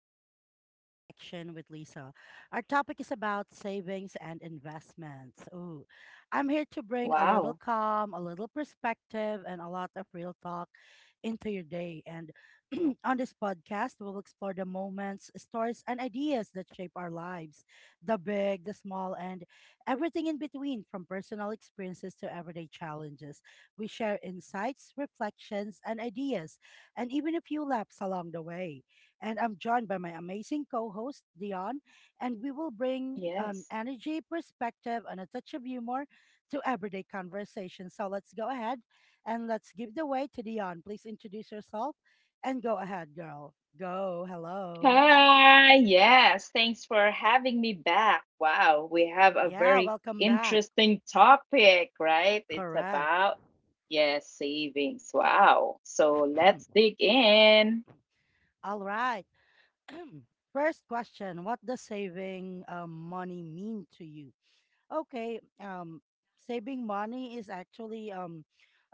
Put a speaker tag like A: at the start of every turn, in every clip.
A: welcome to Everyday Reflection with Lisa. Our topic is about savings and investments. Ooh, I'm here to
B: Wow.
A: bring a little calm, a little perspective, and a lot of real talk into your day. And on this podcast, we'll explore the moments, stories, and ideas that shape our lives, the big, the small, and everything in between, from personal experiences to everyday challenges. We share insights, reflections, and ideas, and even a few laps along the way. And I'm joined by my amazing co host, Dion, and we will bring an
B: Yes.
A: energy, perspective, and a touch of humor to everyday conversation. So let's go ahead and let's give the way to Dion. Please introduce yourself and go ahead, girl. Go. Hello.
B: Hi. Yes. Thanks for having me back. Wow. We have a
A: Yeah,
B: very
A: welcome back.
B: interesting topic, right? It's
A: Correct.
B: about, yes, savings. Wow. So
A: Hmm.
B: let's dig in.
A: All right. First question: What does saving money mean to you? Okay, saving money is actually um,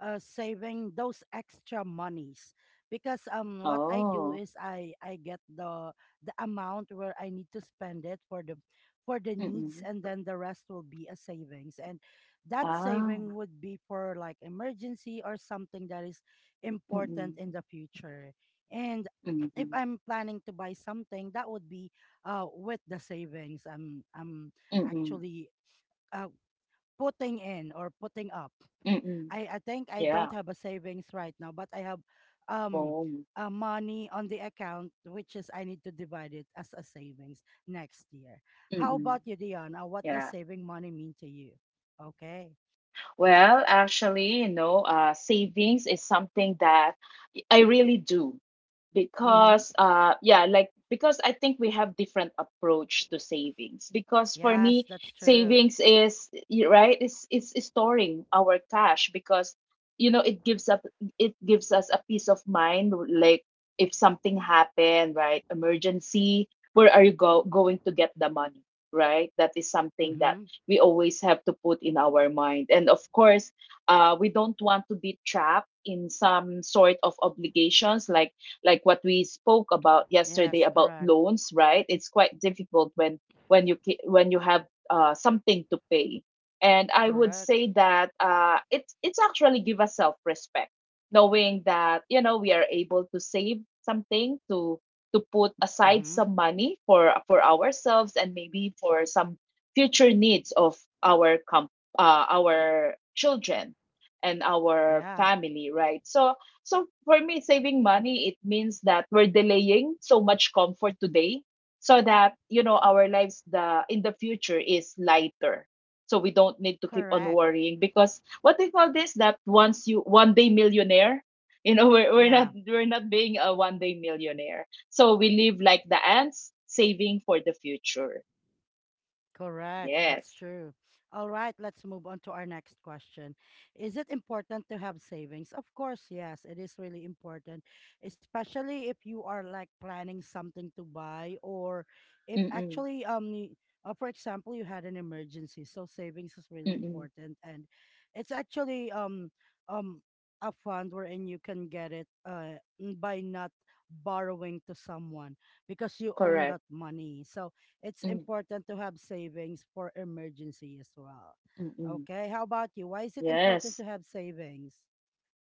A: uh, saving those extra monies because what I do
B: Oh.
A: is I get the amount where I need to spend it for the needs,
B: Mm-mm.
A: and then the rest will be a savings, and that
B: Ah.
A: saving would be for like emergency or something that is important
B: Mm-mm.
A: in the future. And if
B: Mm-mm.
A: I'm planning to buy something, that would be with the savings I'm
B: Mm-mm.
A: actually uh, putting in or putting up.
B: Mm-mm.
A: I think I don't
B: Yeah.
A: have a savings right now, but I have um
B: Oh.
A: money on the account, which is I need to divide it as a savings next year. How
B: Mm-mm.
A: about you, Dion? What does
B: Yeah.
A: saving money mean to you? Okay.
B: Well, actually, savings is something that I really do,
A: Mm-hmm.
B: because yeah like because I think we have different approach to savings. Because for me,
A: Yes, that's true.
B: savings is right, is storing our cash. Because you know it gives up it gives us a peace of mind. Like, if something happened, right, emergency, where are you going to get the money, right? That is something that
A: Mm-hmm.
B: we always have to put in our mind. And of course, we don't want to be trapped in some sort of obligations, like what we spoke about yesterday
A: Yes,
B: about
A: correct.
B: loans, right? It's quite difficult when you have something to pay. And I would
A: Correct.
B: say that it's actually give us self respect, knowing that you know we are able to save something, to put aside
A: Mm-hmm.
B: some money for ourselves and maybe for some future needs of our com- our children and our
A: Yeah,
B: family, right? So for me, saving money, it means that we're delaying so much comfort today so that, you know, our lives, the in the future, is lighter. So we don't need to keep on
A: correct.
B: worrying, because what they call this, that once you one day millionaire, we're, we're not
A: Yeah.
B: we're not being a one day millionaire. So we live like the ants, saving for the future.
A: Correct. That's
B: Yes.
A: true. All right, let's move on to our next question. Is it important to have savings? Of course, yes, it is really important, especially if you are like planning something to buy, or if
B: Mm-mm.
A: actually for example, you had an emergency. So savings is really
B: Mm-mm.
A: important, and it's actually um a fund wherein you can get it by not borrowing to someone because you own
B: Correct.
A: that money. So it's important to have savings for emergency as well.
B: Mm-mm.
A: Okay, how about you? Why is it important
B: Yes.
A: to have savings?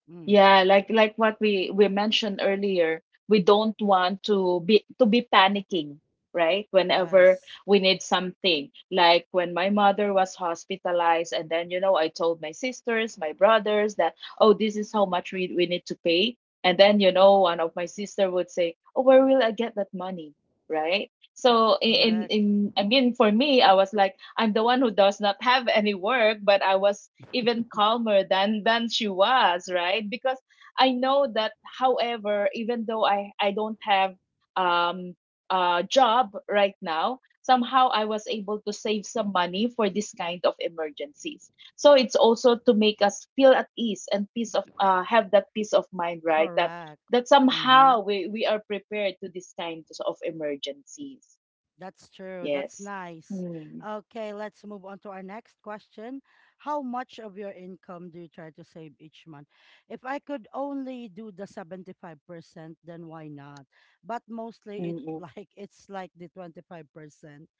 A: Mm,
B: Yeah, like what we mentioned earlier, we don't want to be panicking, right? Whenever
A: yes,
B: we need something. Like when my mother was hospitalized and then I told my sisters, my brothers that, oh, this is how much we need to pay. And then one of my sister would say, "Oh, where will I get that money?" Right? So
A: correct,
B: I mean, for me, I was like, I'm the one who does not have any work, but I was even calmer than she was, right? Because I know that however, even though I don't have um a job right now, somehow I was able to save some money for this kind of emergencies. So it's also to make us feel at ease and peace of, have that peace of mind, right, that
A: correct.
B: that
A: Mm-hmm.
B: somehow we are prepared to this kind of emergencies.
A: That's true. That's
B: Yes.
A: nice.
B: Mm,
A: Okay, let's move on to our next question. How much of your income do you try to save each month? If I could only do the 75%, then why not? But mostly it's
B: mm-mm,
A: like the 25%.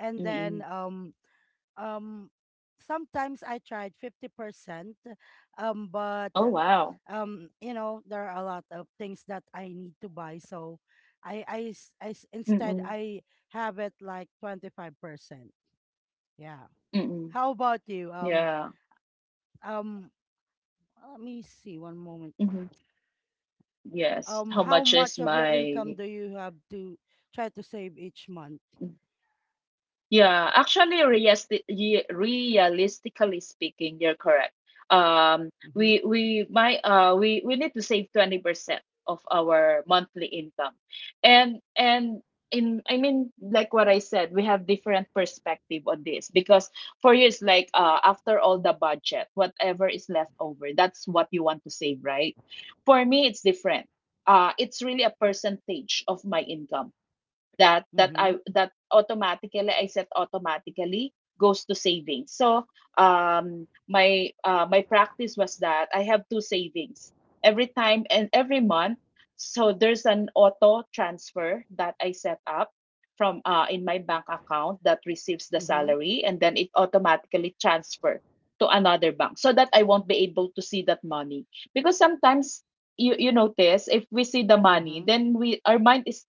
A: And then
B: mm-mm.
A: um sometimes I tried 50%, but
B: Oh, wow.
A: there are a lot of things that I need to buy, so
B: Mm-mm,
A: instead I have it like 25%. Yeah.
B: mm-mm.
A: How about you?
B: Yeah.
A: Um, Let me see one moment.
B: Mhm. Yes. How
A: How
B: much is
A: much of your income
B: my.
A: do you have to try to save each month?
B: Mhm. Yeah, actually, realistically speaking, you're correct.
A: Mm-hmm.
B: We might we need to save 20% of our monthly income. And in I mean, like what I said, we have different perspective on this, because for you it's like, after all the budget, whatever is left over, that's what you want to save, right? For me, it's different. It's really a percentage of my income that that I
A: Mm-hmm.
B: that automatically I set, automatically goes to savings. So my practice was that I have two savings every time and every month. So there's an auto transfer that I set up from in my bank account that receives the
A: Mm-hmm.
B: salary, and then it automatically transfer to another bank so that I won't be able to see that money. Because sometimes, you notice, if we see the money,
A: Mm-hmm.
B: then we, our mind is,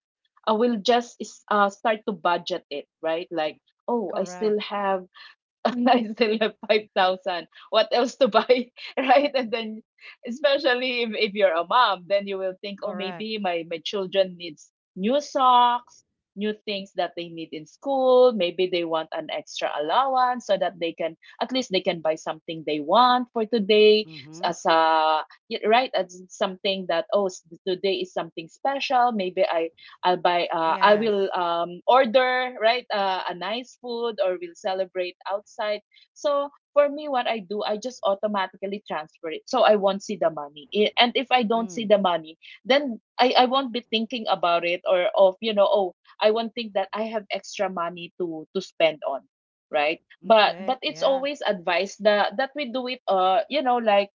B: I will just start to budget it, right? Like, oh,
A: Correct.
B: I still have 5,000. What else to buy? Right? And then, especially if you're a mom, then you will think, oh,
A: Correct.
B: maybe my children needs new socks, new things that they need in school. Maybe they want an extra allowance so that they can at least they can buy something they want for today,
A: Mm-hmm.
B: as a right, as something that, oh, today is something special, maybe I'll buy. I will,
A: Yes.
B: order, right, a nice food, or we'll celebrate outside. So for me, what I do, I just automatically transfer it, so I won't see the money. And if I don't see
A: Mm.
B: the money, then I won't be thinking about it, or of oh, I won't think that I have extra money to spend on, right? But
A: Okay.
B: it's
A: Yeah.
B: always advised that we do it, like,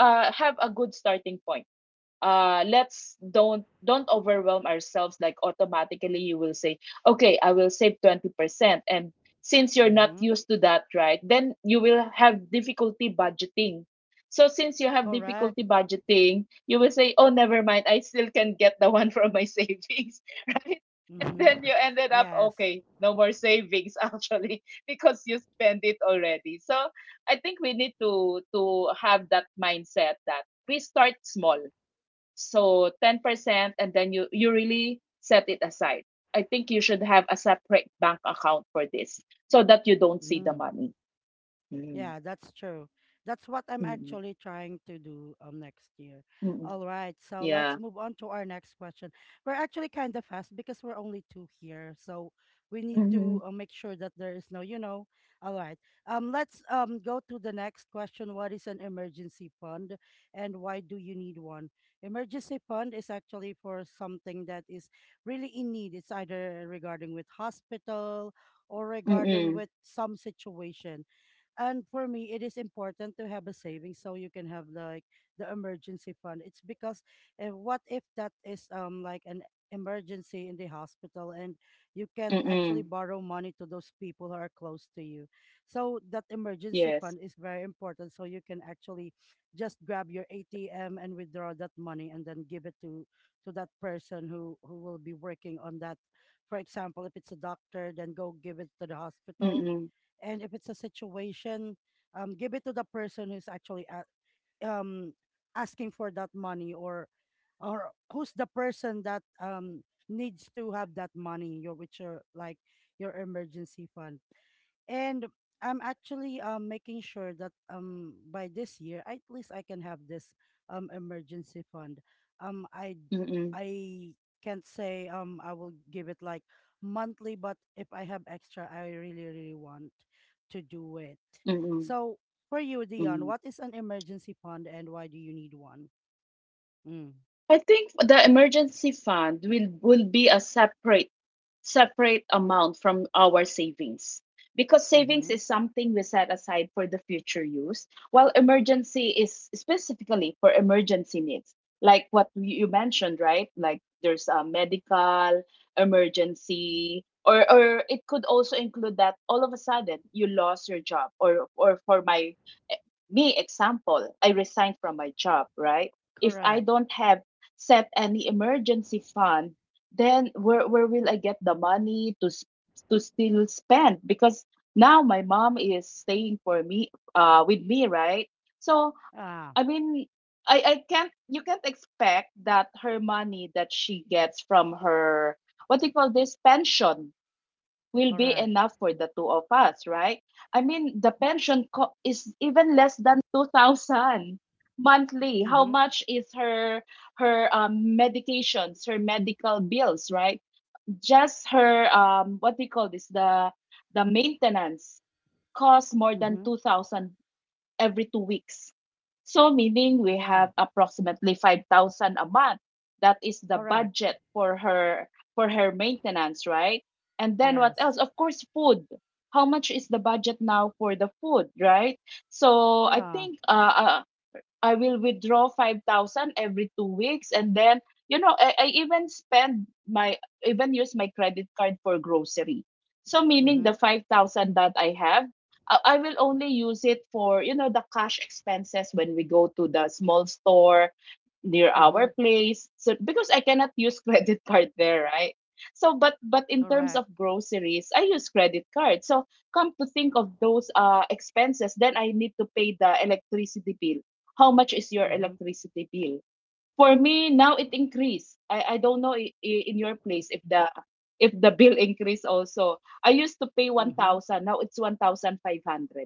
B: have a good starting point. Let's don't overwhelm ourselves, like, automatically you will say, okay, I will save 20%. And since you're not
A: Mm-hmm.
B: used to that, right, then you will have difficulty budgeting. So since you have
A: Correct.
B: difficulty budgeting, you will say, oh, never mind, I still can get the one from my savings, right? And
A: Mm-hmm.
B: then you ended up,
A: Yes.
B: okay, no more savings, actually, because you spend it already. So I think we need to have that mindset that we start small, so 10%, and then you really set it aside. I think you should have a separate bank account for this, so that you don't see the
A: Mm.
B: money. Mm.
A: Yeah, that's true. That's what I'm
B: Mm-mm.
A: actually trying to do next year.
B: Mm-mm.
A: All right, so
B: Yeah.
A: let's move on to our next question. We're actually kind of fast because we're only two here, so we need to
B: Mm.
A: make sure that there is no. All right, let's go to the next question. What is an emergency fund, and why do you need one? Emergency fund is actually for something that is really in need. It's either regarding with hospital or
B: Hmm.
A: regarding
B: Mm-mm.
A: with some situation, and for me, it is important to have a savings so you can have like the emergency fund. It's because, if, what if that is like an emergency in the hospital and you can't actually
B: Mm-mm.
A: borrow money to those people who are close to you. So that emergency
B: Yes.
A: fund is very important so you can actually just grab your ATM and withdraw that money and then give it to that person who will be working on that. For example, if it's a doctor, then go give it to the hospital,
B: Mm-mm.
A: and if it's a situation, give it to the person who's actually a um asking for that money, or who's the person that needs to have that money, your, which are like your emergency fund. And I'm actually making sure that by this year, at least I can have this emergency fund. Um, I
B: Mm-mm.
A: I can't say I will give it like monthly, but if I have extra, I really really want to do it.
B: Mm-mm.
A: So for you,
B: Mm-mm.
A: Dion, what is an emergency fund, and why do you need one? Mm,
B: I think the emergency fund will be a separate amount from our savings, because savings
A: mm-hmm.
B: is something we set aside for the future use, while emergency is specifically for emergency needs, like what you mentioned, right? Like, there's a medical emergency, or it could also include that all of a sudden you lost your job, or for my me example, I resigned from my job, right? If I
A: Correct.
B: don't have set any emergency fund, then where will I get the money to to still spend? Because now my mom is staying for me, with me, right? So
A: Ah,
B: I mean, I can't you can't expect that her money that she gets from her, what do you call this, pension, will be
A: correct.
B: enough for the two of us, right? I mean, the pension is even less than 2000 monthly. How
A: Mm-hmm.
B: much is her, medications, her medical bills, right? Just her, what do you call this? The maintenance costs more than
A: Mm-hmm.
B: 2000 every 2 weeks. So, meaning we
A: Yeah.
B: have approximately 5,000 a month. That is the
A: Correct.
B: budget for her maintenance, right? And then what else?
A: Yes.
B: Of course, food. How much is the budget now for the food, right? So I
A: Yeah.
B: think I will withdraw 5,000 every 2 weeks. And then, I even spend even use my credit card for grocery. So, meaning the
A: Mm-hmm.
B: 5,000 that I have, I will only use it for, the cash expenses when we go to the small store near our
A: Mm-hmm.
B: place. So, because I cannot use credit card there, right? So, but in terms of
A: Correct.
B: groceries, I use credit card. So, come to think of those expenses, then I need to pay the electricity bill. How much is your
A: Mm-hmm.
B: electricity bill? For me, now it increased. I don't know, in your place, if the bill increased also. I used to pay
A: Mm-hmm.
B: 1,000, now it's 1,500.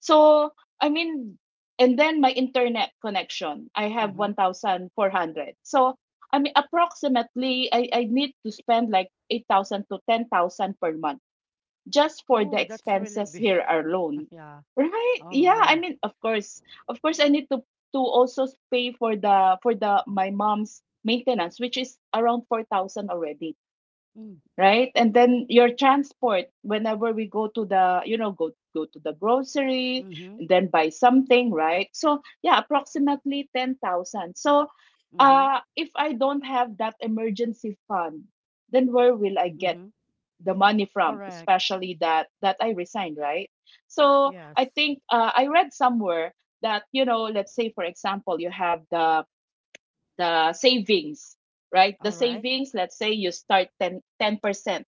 B: So, I mean, and then my internet connection, I have
A: Mm-hmm.
B: 1,400. So, I mean, approximately, I need to spend like 8,000 to 10,000 per month just for the
A: Oh, that's really
B: expenses
A: big.
B: here alone,
A: yeah.
B: right?
A: Oh
B: Yeah, I
A: my.
B: mean, of course, I need to also pay for the, my mom's maintenance, which is around 4,000 already,
A: Mm.
B: right? And then your transport, whenever we go to the, go, to the grocery
A: Mm-hmm.
B: and then buy something, right? So yeah, approximately 10,000. So
A: Mm-hmm.
B: if I don't have that emergency fund, then where will I get
A: Mm-hmm.
B: the money from,
A: Correct.
B: especially that I resigned, right? So
A: Yes.
B: I think, I read somewhere that, let's say for example, you have the savings, right? The
A: All right.
B: savings, let's say you start 10 percent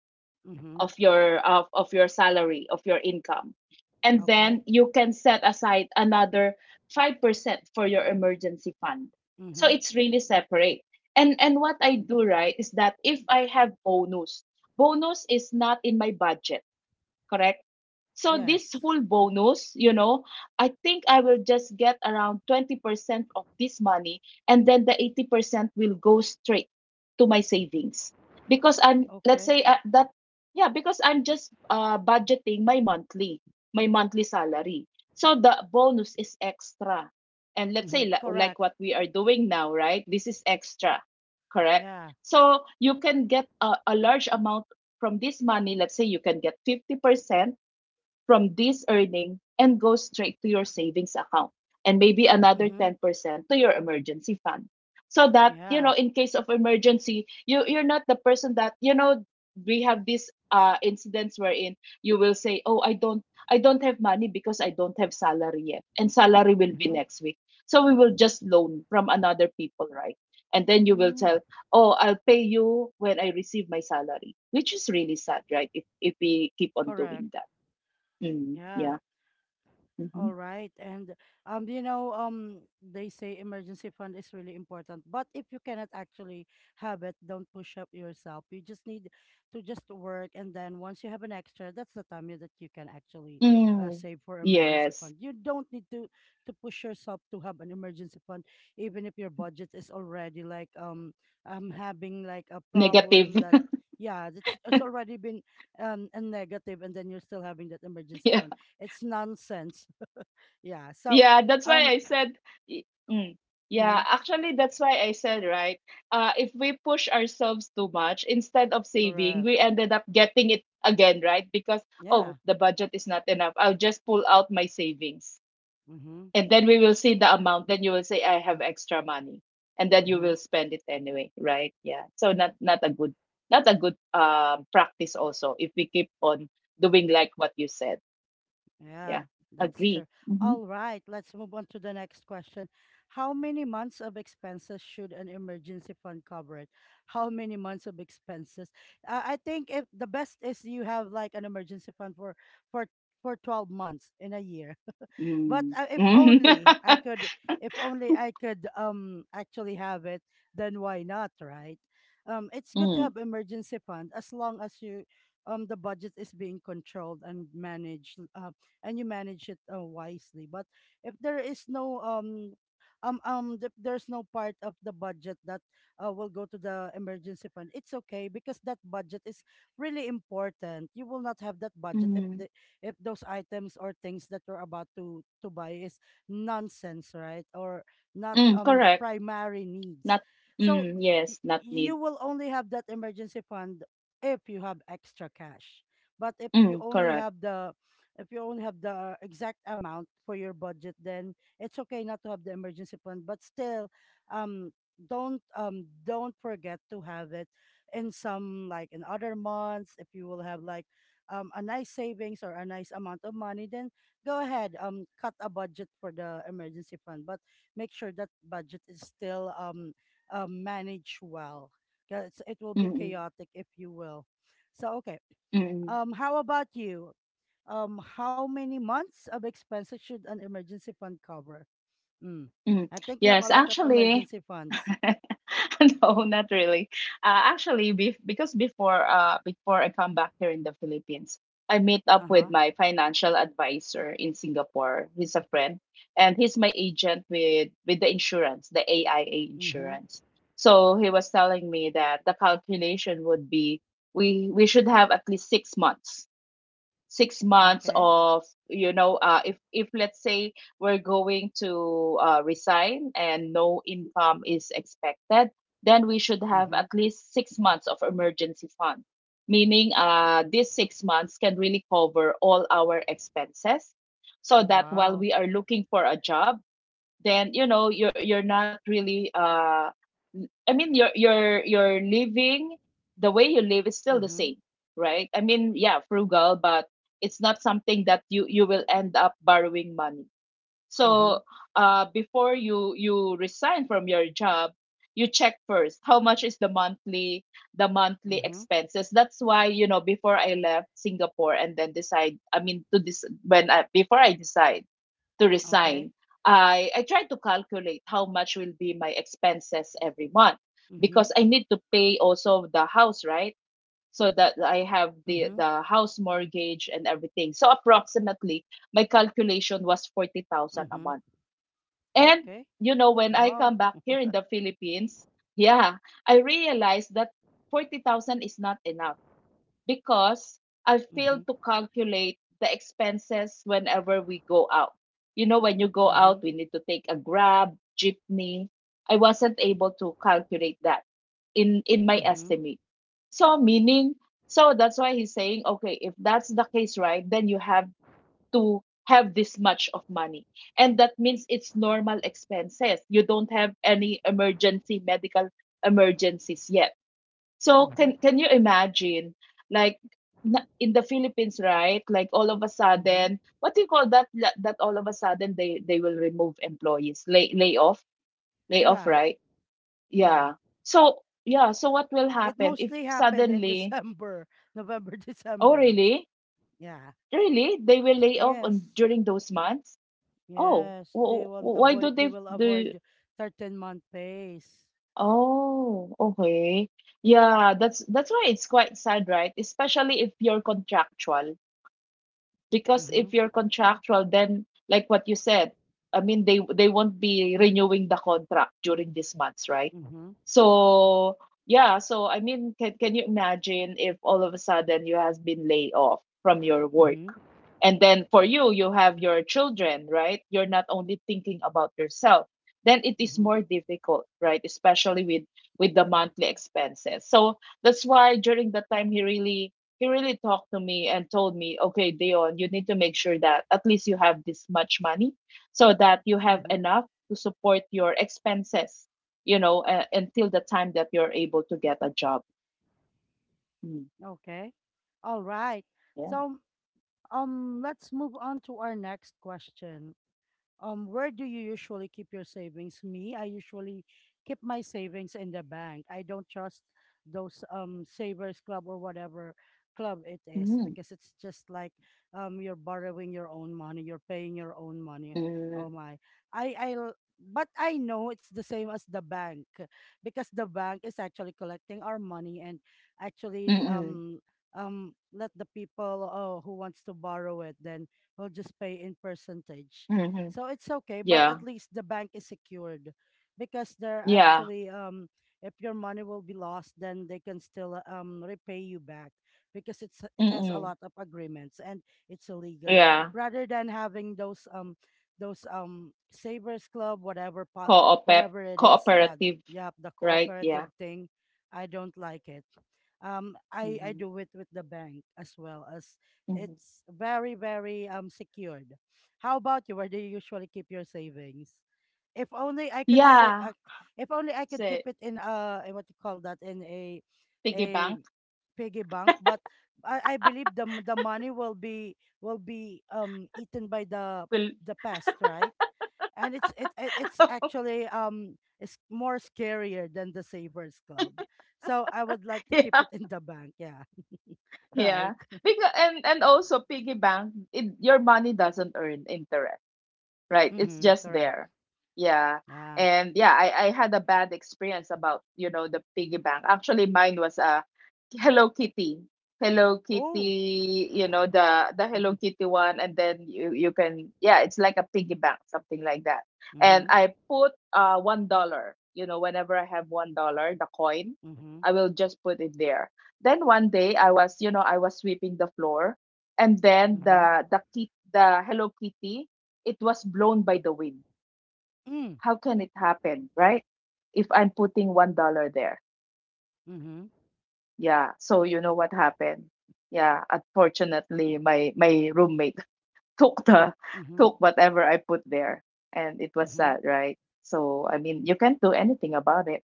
A: Mm-hmm.
B: of your salary, of your income, and then
A: Okay.
B: you can set aside another 5% for your emergency fund. So
A: Mm-hmm.
B: it's really separate. And what I do, right, is that if I have bonus, bonus is not in my budget, correct? So this
A: Yes.
B: whole bonus, I think I will just get around 20% of this money, and then the 80% will go straight to my savings. Because I'm, let's
A: Okay.
B: say, that, yeah, because I'm just budgeting my monthly salary. So the bonus is extra. And let's
A: Mm-hmm.
B: say, like
A: Correct.
B: what we are doing now, right? This is extra. Correct?
A: Yeah.
B: So you can get a large amount from this money. Let's say you can get 50% from this earning and goes straight to your savings account, and maybe another
A: Mm-hmm.
B: 10% to your emergency fund, so that you
A: Yeah.
B: know in case of emergency you're not the person that, you know, we have these incidents wherein you will say, oh, I don't have money because I don't have salary yet, and salary will be
A: Mm-hmm.
B: next week. So we will just loan from another people, right? And then you will
A: Mm.
B: tell, oh, I'll pay you when I receive my salary, which is really sad, right? If we keep on
A: Correct.
B: doing that. Mm,
A: Yeah.
B: yeah.
A: All
B: Mhm.
A: right. And they say emergency fund is really important, but if you cannot actually have it, don't push up yourself. You just need to just work, and then once you have an extra, that's the time that you can actually
B: Mm,
A: save for emergency
B: yes.
A: fund. You don't need to push yourself to have an emergency fund even if your budget is already like having like a problem
B: Negative.
A: that, yeah, it's already been a negative, and then you're still having that emergency
B: Yeah.
A: fund. It's nonsense, yeah. So,
B: Yeah, that's why
A: um,
B: I said y- mm, yeah,
A: mhm,
B: actually that's why I said, right? If we push ourselves too much instead of saving,
A: correct.
B: we ended up getting it again, right? Because oh,
A: Yeah.
B: the budget is not enough. I'll just pull out my savings.
A: Mm-hmm.
B: And then we will see the amount, then you will say, I have extra money, and then you
A: Mm-hmm.
B: will spend it anyway, right? Yeah. So not a good, not a good practice also if we keep on doing like what you said.
A: Yeah,
B: Yeah,
A: that's
B: agree.
A: true.
B: Mm-hmm.
A: All right, let's move on to the next question. How many months of expenses should an emergency fund cover it? How many months of expenses? I think if the best is you have like an emergency fund for for 12 months in a year. But
B: Mm.
A: if only I could, if only I could actually have it, then why not, right? It's good to
B: Mm.
A: have emergency fund as long as you the budget is being controlled and managed, and you manage it wisely. But if there is no there's no part of the budget that will go to the emergency fund. It's okay because that budget is really important. You will not have that budget if
B: Mm.
A: if those items or things that you're about to buy is nonsense, right? Or not
B: Mm.
A: the
B: Correct.
A: primary needs.
B: Not,
A: So
B: mm, yes, not
A: you
B: need.
A: will only have that emergency fund if you have extra cash. But if you
B: Mm,
A: only
B: correct.
A: have the if you only have the exact amount for your budget, then it's okay not to have the emergency fund, but still um don't forget to have it in some, like in other months, if you will have like a nice savings or a nice amount of money, then go ahead, cut a budget for the emergency fund, but make sure that budget is still managed well, because it will be
B: Mm-mm.
A: chaotic if you will. So okay,
B: Mm-mm. Mm.
A: how about you? How many months of expenses should an emergency fund cover? Mm. I
B: Mm.
A: think you have a
B: Yes,
A: lot of
B: actually.
A: emergency funds.
B: No, not really. Actually, bef because before before I come back here in the Philippines, I meet
A: Uh
B: up
A: huh.
B: with my financial advisor in Singapore. He's a friend, and he's my agent with the insurance, the AIA
A: Mhm.
B: insurance. So he was telling me that the calculation would be we should have at least 6 months, 6 months
A: Okay.
B: of, you know, if let's say we're going to resign and no income is expected, then we should have
A: Mhm.
B: at least 6 months of emergency fund, meaning these 6 months can really cover all our expenses so
A: Oh
B: that while
A: wow.
B: we are looking for a job, then you know you're not really I mean you're living, the way you live is still the
A: Mhm.
B: same, right? I mean, yeah, frugal, but it's not something that you will end up borrowing money.
A: Mhm.
B: So, before you resign from your job, you check first how much is the monthly, the monthly
A: Mhm.
B: expenses. That's why, you know, before I left Singapore and then decide, I mean, to this when I before I decide to
A: Okay.
B: resign, I tried to calculate how much will be my expenses every month,
A: Mhm.
B: because I need to pay also the house, right? So that I have
A: Mm-hmm.
B: the house mortgage and everything. So approximately my calculation was 40,000 a
A: Mm-hmm.
B: month. And
A: Okay.
B: you know, when I
A: Wow.
B: come back here in the Philippines, yeah, I realized that 40,000 is not enough because I
A: Mm-hmm.
B: failed to calculate the expenses whenever we go out. You know, when you go
A: Mm-hmm.
B: out, we need to take a grab, jeepney. I wasn't able to calculate that in my
A: Mm-hmm.
B: estimate. So meaning, so that's why he's saying, okay, if that's the case, right, then you have to have this much of money. And that means it's normal expenses. You don't have any emergency medical emergencies yet. So
A: Mm-hmm.
B: can you imagine like in the Philippines, right? Like all of a
A: Mm-hmm.
B: sudden, what do you call that? That all of a sudden they will remove employees, lay off,
A: Yeah.
B: right?
A: Yeah.
B: Yeah. So yeah. So what will
A: It
B: happen if
A: mostly happened in
B: suddenly?
A: December, November,
B: Oh
A: December.
B: really?
A: Yeah.
B: Really? They will lay off
A: Yes.
B: on during those months? Oh,
A: Yes. They won't
B: why do
A: avoid. They
B: they
A: will
B: do?
A: avoid 13th month pays.
B: Oh, okay. Yeah, that's why it's quite sad, right? Especially if you're contractual, because
A: Mm-hmm.
B: if you're contractual then like what you said, I mean they won't be renewing the contract during these months, right?
A: Mm-hmm.
B: So yeah. So I mean, can you imagine if all of a sudden you has been laid off from your work,
A: Mm-hmm.
B: and then for you, you have your children, right? You're not only thinking about yourself. Then it is
A: Mm-hmm.
B: more difficult, right? Especially with the monthly expenses. So that's why during that time he really talked to me and told me, okay, Dion, you need to make sure that at least you have this much money so that you have
A: Mm-hmm.
B: enough to support your expenses, you know, until the time that you're able to get a job. Mm,
A: Okay. All right.
B: yeah.
A: So let's move on to our next question. Where do you usually keep your savings? Me, I usually keep my savings in the bank. I don't trust those savers club or whatever club it is
B: Mm-hmm.
A: because it's just like you're borrowing your own money, you're paying your own money. Oh
B: Mm-hmm.
A: my. But I know it's the same as the bank because the bank is actually collecting our money and actually let the people who wants to borrow it, then will just pay in percentage,
B: Mm-hmm.
A: so it's okay, but
B: Yeah.
A: at least the bank is secured because they're
B: Yeah.
A: actually, if your money will be lost, then they can still repay you back because it has a
B: Mm.
A: lot of agreements, and it's illegal,
B: Yeah.
A: rather than having those savers club,
B: Coope
A: whatever it is, yeah,
B: Cooperative,
A: yeah, the
B: right?
A: cooperative
B: Yeah.
A: thing. I don't like it. I
B: Mhm.
A: do it with the bank as well. As
B: Mhm.
A: it's very very secured. How about you? Where do you usually keep your savings? If only I could say,
B: Yeah.
A: if only I could keep
B: Say
A: it in a, what you call that, in a
B: piggy
A: a
B: bank
A: piggy bank. But I believe the money will be eaten by the
B: will
A: the pest, right? And it's actually it's more scarier than the Savers Club. So I would like to keep
B: Yeah.
A: it in the bank. Yeah,
B: Yeah.
A: right.
B: Because and also piggy bank, it, your money doesn't earn interest. Right. It's
A: Mm-hmm,
B: just
A: correct.
B: there. Yeah.
A: Yeah.
B: And yeah, I had a bad experience about, you know, the piggy bank. Actually, mine was a Hello Kitty. Hello
A: Oh.
B: Kitty, you know, the Hello Kitty one, and then you can yeah, it's like a piggy bank, something like that. And
A: Mm-hmm.
B: I put $1, you know, whenever I have $1, the coin,
A: Mm-hmm.
B: I will just put it there. Then one day I was, you know, I was sweeping the floor, and then
A: Mm-hmm.
B: the Hello Kitty, it was blown by the wind.
A: Mm.
B: How can it happen, right? If I'm putting $1 there.
A: Mm-hmm.
B: Yeah. So you know what happened? Yeah. Unfortunately, my roommate took the
A: Mm-hmm.
B: took whatever I put there, and it was
A: Mm-hmm.
B: sad, right? So I mean, you can't do anything about it.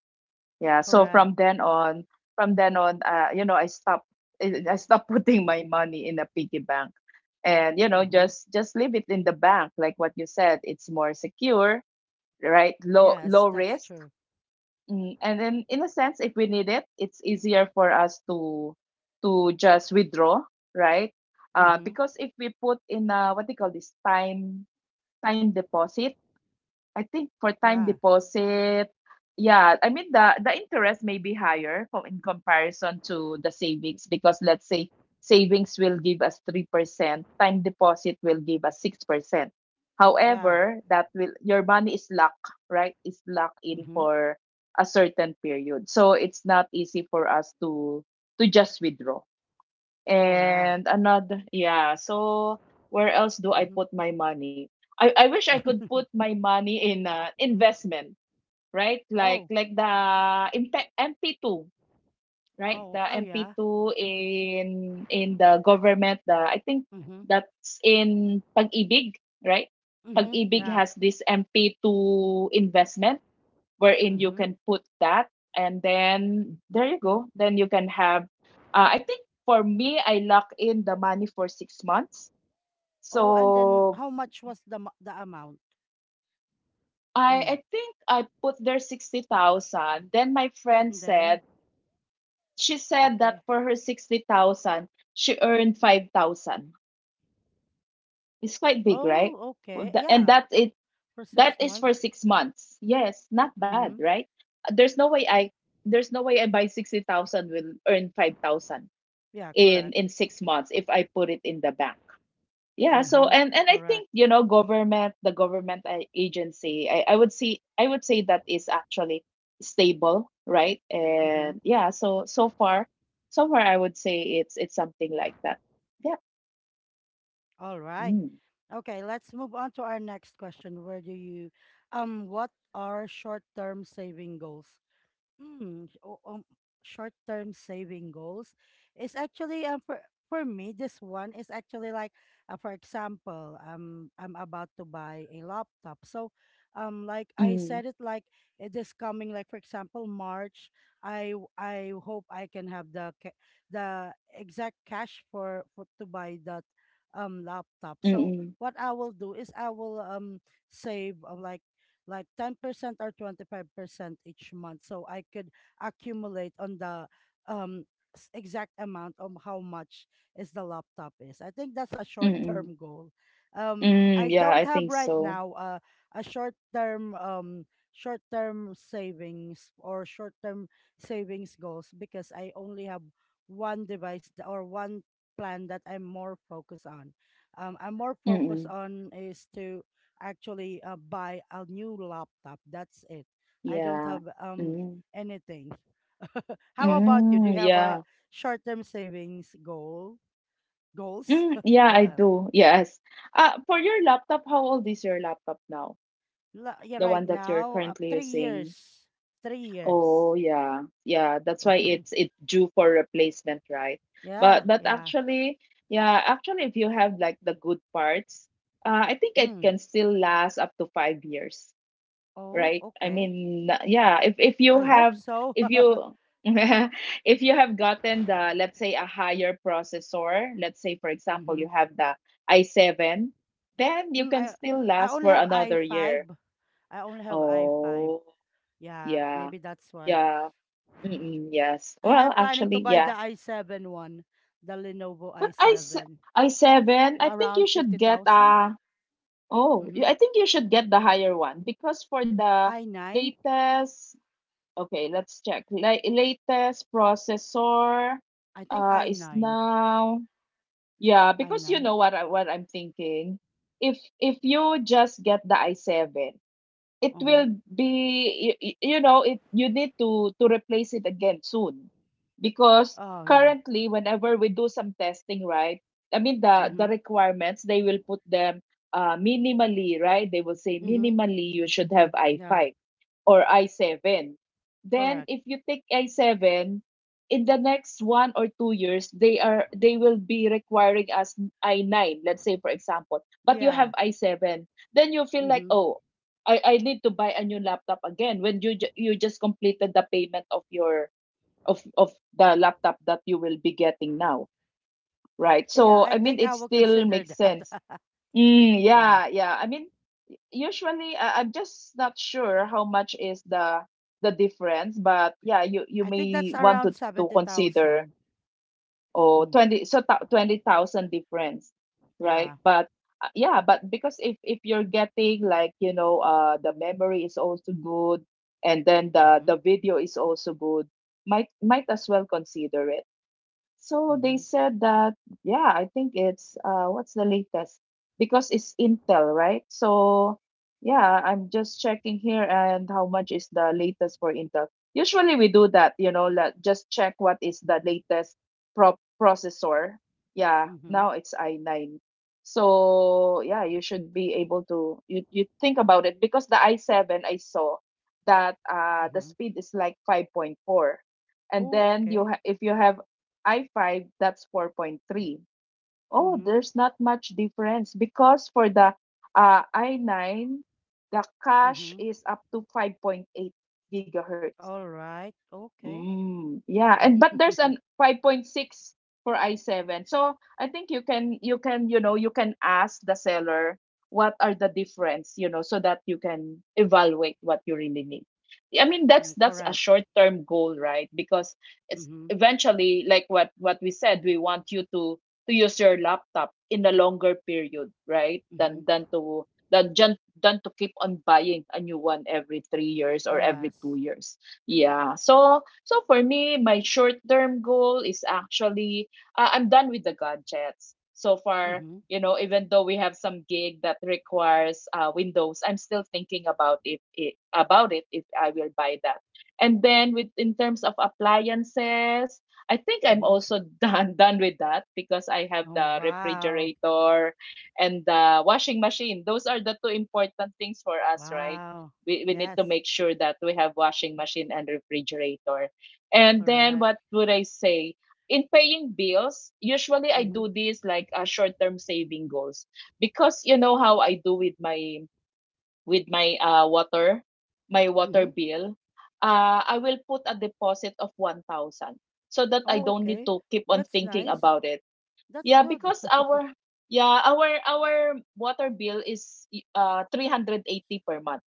B: Yeah. So
A: Correct.
B: from then on, you know, I stopped putting my money in a piggy bank, and you know,
A: Mm-hmm.
B: just leave it in the bank like what you said, it's more secure, right?
A: Yes,
B: Low
A: that's
B: risk.
A: true.
B: Mm. And then in a sense, if we need it, it's easier for us to just withdraw, right?
A: Mm-hmm.
B: Because if we put in a, what they call this time deposit, I think for time
A: Yeah.
B: deposit, yeah, I mean the interest may be higher in comparison to the savings, because let's say savings will give us 3%, time deposit will give us 6%.
A: Yeah.
B: However, that will your money is locked, right? It's locked in
A: Mm-hmm.
B: for a certain period. So it's not easy for us to just withdraw. And
A: Correct.
B: another, yeah. So where else do I put my money? I wish I could
A: Mm-hmm.
B: put my money in investment, right? Like
A: Oh.
B: the MP2, right?
A: Oh.
B: The
A: Oh yeah.
B: MP2 in in the government. The I think
A: Mm-hmm.
B: that's in Pag-ibig, right?
A: Mm-hmm.
B: Pag-ibig
A: Yeah.
B: has this MP2 investment wherein you
A: Mm-hmm.
B: can put that, and then there you go, then you can have I think for me I lock in the money for 6 months.
A: Oh, and then
B: So
A: how much was the amount?
B: i
A: Mm.
B: i think I put there 60,000, then my friend
A: And then
B: said, she said
A: okay.
B: that for her 60,000 she earned 5,000. It's quite big, right?
A: Oh,
B: For
A: okay.
B: the- and
A: Yeah.
B: that it,
A: For six
B: that is for
A: months.
B: 6 months. Yes, not bad,
A: Mm-hmm.
B: right? There's no way I buy 60,000 will earn 5,000
A: Yeah,
B: in
A: correct.
B: 6 months if I put it in the bank. Yeah, so
A: Mm-hmm.
B: and I
A: Correct.
B: think, you know, government, the government agency, I would see I would say that is actually stable, right?
A: Mm-hmm.
B: And yeah, so so far I would say it's something like that. Yeah.
A: All right.
B: Mm.
A: Okay, let's move on to our next question. Where do you, what are short-term saving goals? Mm, o- um, Short-term saving goals is actually for me this one is actually like, for example, I'm about to buy a laptop, so like I
B: Mm.
A: said, it like, this coming, like, for example, March, I hope I can have the the exact cash for to buy that laptop. So
B: Mm.
A: what I will do is, I will save, like 10% or 25% each month, so I could accumulate on the um exact amount of how much is the laptop is. I think that's a short
B: Mm.
A: term goal. I
B: Mm. Yeah, I
A: don't have
B: think
A: right
B: so.
A: now, a short term short term savings or short term savings goals, because I only have one device, or one plan that I'm more focused on. I'm more focused
B: Mm.
A: on is to actually, buy a new laptop. That's it. I don't
B: Yeah.
A: have
B: Mm.
A: anything. How about you? Do
B: Mm.
A: you have a
B: Yeah.
A: short-term savings goal? Goals?
B: Mm. Yeah,
A: Go
B: I
A: on.
B: do. Yes. For your laptop, how old is your laptop now?
A: Yeah,
B: The
A: right
B: one that you're
A: now,
B: currently
A: three
B: using.
A: years. 3 years.
B: Oh yeah, yeah. That's why it's due for replacement, right?
A: Yeah,
B: But
A: yeah.
B: actually, yeah, actually, if you have like the good parts, I think it
A: Mm.
B: can still last up to 5 years,
A: Oh,
B: right? I
A: okay.
B: mean, yeah, if you
A: I hope
B: have,
A: so.
B: if you if you have gotten the, let's say, a higher processor. Let's say for example
A: Mm-hmm.
B: you have the i7, then you
A: Mm,
B: can
A: I
B: still
A: I
B: last
A: only
B: for
A: have
B: another
A: i5.
B: year.
A: I only have i5.
B: Oh.
A: Yeah,
B: Yeah,
A: maybe that's why.
B: yeah, mm-mm, yes.
A: And
B: Well,
A: I'm planning to
B: actually,
A: buy
B: yeah.
A: the i7 one, the Lenovo
B: But
A: i7,
B: I seven. I think you
A: around
B: should get
A: 50,000.
B: uh oh.
A: Mm-hmm.
B: I think you should get the higher one because for the
A: i9,
B: latest. Okay, let's check. Like latest processor,
A: I think
B: is
A: i9,
B: now yeah. Because you
A: i9.
B: know what I, what I'm thinking. If you just get the i7, it
A: Uh-huh.
B: will be you, you know it you need to replace it again soon because
A: Oh yeah.
B: currently whenever we do some testing, right? The
A: Mm-hmm.
B: requirements, they will put them minimally, right? They will say
A: Mm-hmm.
B: minimally you should have
A: Yeah,
B: i5 or i7. Then
A: correct.
B: if you take i7, in the next 1 or 2 years, they will be requiring us i9, let's say for example, but you
A: Yeah.
B: have i7, then you feel like,
A: Mm-hmm.
B: oh, I need to buy a new laptop again when you you just completed the payment of your of the laptop that you will be getting now, right?
A: Yeah,
B: So
A: I
B: I mean,
A: think I
B: it
A: will
B: still
A: consider
B: makes sense.
A: that. Yeah.
B: Yeah, yeah. I mean, usually I'm just not sure how much is the difference, but yeah, you
A: I think that's
B: may want
A: around
B: to consider,
A: 70,000.
B: or
A: Mm.
B: 20, 20,000 difference, right?
A: Yeah.
B: But yeah, but because if you're getting like, the memory is also good and then the
A: Mm-hmm.
B: the video is also good, might as well consider. So they
A: Mm-hmm.
B: said that, yeah, I think it's what's the latest? Because it's Intel, right? So yeah, I'm just checking here and how much is the latest for Intel. Usually we do that, you know, like just check what is the latest processor. Yeah,
A: Mm-hmm.
B: now it's i9. So yeah, you should be able to you think about it, because the i7, I saw that the
A: Mm-hmm.
B: speed is like 5.4, and
A: Oh,
B: then
A: okay.
B: if you have i5, that's 4.3. Oh,
A: Mm-hmm.
B: there's not much difference, because for the i9, the cache
A: Mm-hmm.
B: is up to 5.8 gigahertz.
A: All right. Okay.
B: Mm, yeah, and but there's an 5.6 for i7. So I think you can you know, you can ask the seller what are the difference, you know, so that you can evaluate what you really need. I mean,
A: Mm,
B: that's
A: correct.
B: a short-term goal, right? Because it's
A: Mhm,
B: eventually like what we said, we want you to use your laptop in a longer period, right?
A: mhm.
B: Than than to keep on buying a new one every 3 years or
A: Yes.
B: every 2 years. Yeah. So so for me, my short term goal is actually I'm done with the gadgets so far.
A: Mhm,
B: You know, even though we have some gig that requires Windows, I'm still thinking about it, if I will buy that. And then with in terms of appliances, I think I'm
A: mhm.
B: also done with that, because I have
A: Oh,
B: the
A: wow.
B: refrigerator and the washing machine. Those are the two important things for us, right?
A: Wow.
B: We need
A: Yes,
B: to make sure that we have washing machine and refrigerator. And then
A: correct.
B: what would I say, in paying bills, usually I
A: Mhm,
B: do this like a short term saving goals, because you know how I do with my water, my water
A: mhm.
B: bill. I will put a deposit of 1,000, so that I
A: Oh,
B: don't need
A: okay.
B: to keep on
A: That's
B: thinking
A: nice.
B: about it.
A: That's
B: Yeah,
A: good.
B: because our yeah, our water bill is 380 per month.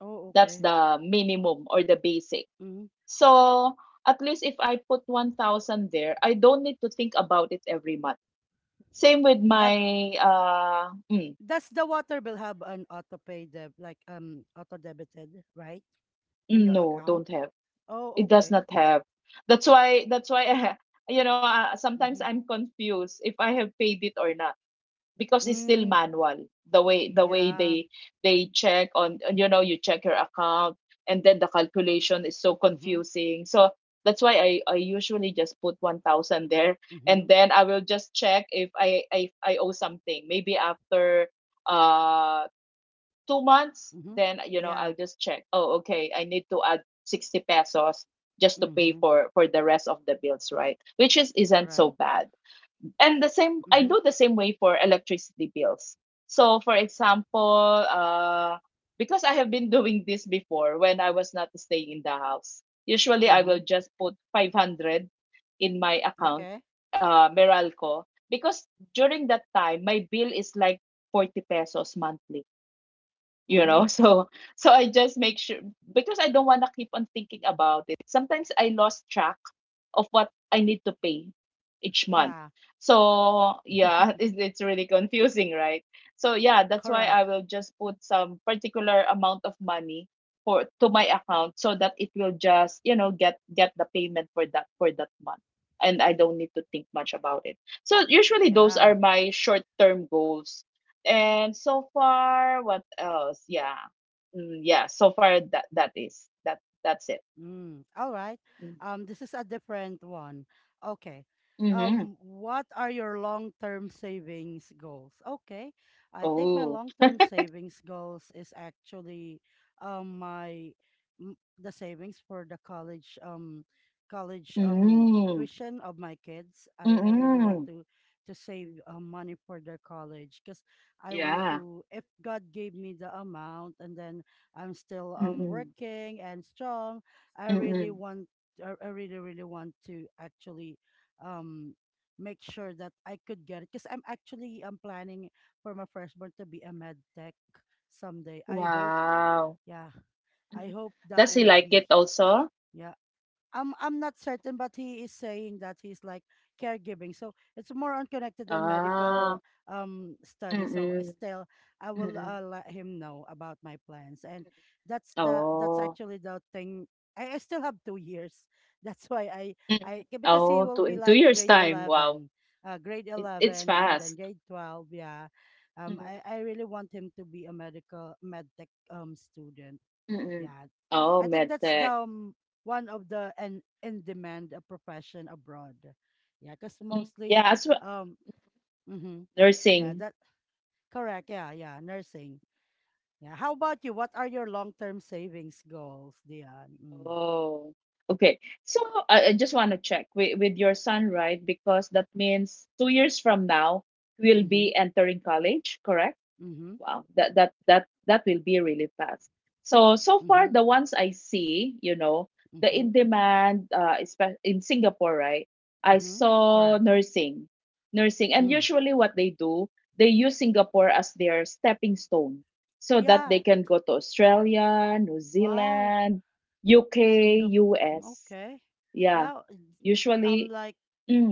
A: Oh,
B: That's
A: okay.
B: the minimum or the basic.
A: Mhm.
B: So at least if I put 1,000 there, I don't need to think about it every month. Same with
A: Uh,
B: my
A: does the water bill have an auto pay deb like, auto debited, right? On your
B: no,
A: account?
B: don't have. It
A: Oh,
B: does
A: okay.
B: not have. That's why you know, sometimes
A: Mhm.
B: I'm confused if I have paid it or not, because it's still
A: Mm,
B: manual, the way
A: yeah.
B: they check on. And, you know, you check your account, and then the calculation is so
A: Mhm.
B: confusing, so that's why I usually just put 1,000 there, and
A: Mhm.
B: then I will just check if I owe something. Maybe after uh 2 months,
A: Mhm.
B: then you know, I'll
A: Yeah.
B: just check, oh, okay, I need to add 60 pesos just to pay
A: Mhm.
B: for the rest of the bills, right? Which is isn't so
A: Correct.
B: bad. And the same, I
A: Mhm.
B: do the same way for electricity bills. So for example, because I have been doing this before. When I was not staying in the house, usually I will
A: Mhm.
B: just put 500 in my account,
A: Okay.
B: Meralco, because during that time, my bill is like 40 pesos monthly, you
A: Mhm.
B: know. So so I just make sure, because I don't want to keep on thinking about it. Sometimes I lost track of what I need to pay each month.
A: Yeah.
B: So yeah, it's really confusing, right? So yeah, that's why I
A: Correct.
B: will just put some particular amount of money for to my account, so that it will just, you know, get the payment for that month, and I don't need to think much about it. So usually those are
A: Yeah.
B: my short term goals. And so far, what else? Yeah. Mm, yeah, so far that is. That's it.
A: Mm, all right. This is a different one. Okay.
B: Mm-hmm.
A: What are your long-term savings goals? Okay. I think my
B: Oh.
A: long-term savings goals is actually my the savings for the college college
B: Mm.
A: tuition of my kids. I really want
B: Mm-mm.
A: to save, money for their college, because I want
B: Yeah.
A: to, if God gave me the amount, and then I'm still
B: Mm-mm.
A: working and strong, I really
B: Mm-mm.
A: want, I really, really want to actually, um, make sure that I could get it, because I'm actually I'm planning for my firstborn to be a med tech someday. I hope,
B: Wow.
A: yeah, I
B: Mm.
A: hope that
B: Does he
A: would
B: like
A: be,
B: it also?
A: yeah. I'm not certain, but he is saying that he's like caregiving. So it's more on connected on
B: Ah.
A: medical study. So,
B: Mm-mm.
A: still, I will,
B: Mm-mm.
A: let him know about my plans, and that's the that's
B: Oh.
A: actually the thing. I still have 2 years. That's why
B: Mm-mm.
A: because he
B: Oh,
A: will
B: two
A: be
B: in two
A: like
B: years
A: grade
B: time. Wow.
A: 11,
B: It's
A: and then
B: fast.
A: grade 12. Yeah,
B: Mm-mm.
A: I really want him to be a med tech student.
B: Mm-mm.
A: Yeah,
B: Oh,
A: I think
B: med
A: that's the,
B: tech.
A: one of the and in demand, profession abroad. Yeah, because
B: Mm.
A: mostly,
B: Yeah, as well
A: um, hmm yeah,
B: nursing.
A: that correct. Yeah, yeah, nursing. Yeah. How about you? What are your long term savings goals, Dion? Mm.
B: Oh, okay. So I just want to check with your son, right? Because that means 2 years from now, we'll
A: Mm-hmm.
B: be entering college, correct?
A: Mm-hmm.
B: Wow, that will be really fast. So so
A: Mm-hmm.
B: far the ones I see, you know, the
A: Mm-hmm.
B: in demand, in Singapore, right? I
A: Mm-hmm.
B: saw
A: Correct.
B: nursing, nursing, and
A: Mm.
B: usually what they do, they use Singapore as their stepping stone, so that they
A: Yeah.
B: can go to Australia, New
A: Wow.
B: Zealand, UK,
A: Singapore.
B: US.
A: Okay.
B: Yeah,
A: Yeah. I'm
B: usually,
A: like,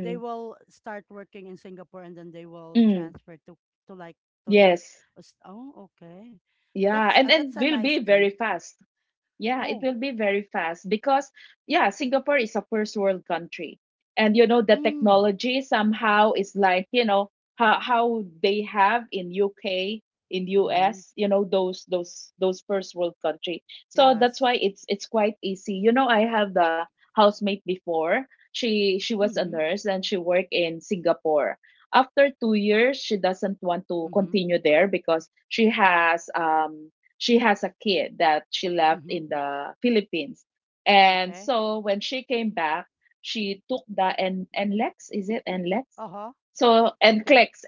A: they will start working in Singapore and then they will
B: mm,
A: transfer to, like, to those.
B: yes,
A: Oh, okay.
B: yeah,
A: That's, uh,
B: and
A: that's a
B: will
A: nice
B: be very
A: thing.
B: fast. Yeah, it
A: Oh,
B: will be very fast because, yeah, Singapore is a first world country. And, you know, the
A: mm.
B: technology somehow is like, you know, how they have in UK, in
A: Mm-hmm.
B: US, you know, those first world country. So that's
A: Yes.
B: why it's quite easy. You know, I have the housemate before. She was a
A: Mm-hmm.
B: nurse and she worked in Singapore. After 2 years, she doesn't want to
A: Mm-hmm.
B: continue there because she has a kid that she left
A: Mm-hmm.
B: in the Philippines. And
A: Okay.
B: so when she came back, she took the and NLEX. Is it NLEX?
A: Uh-huh.
B: So and
A: Okay.
B: clicks.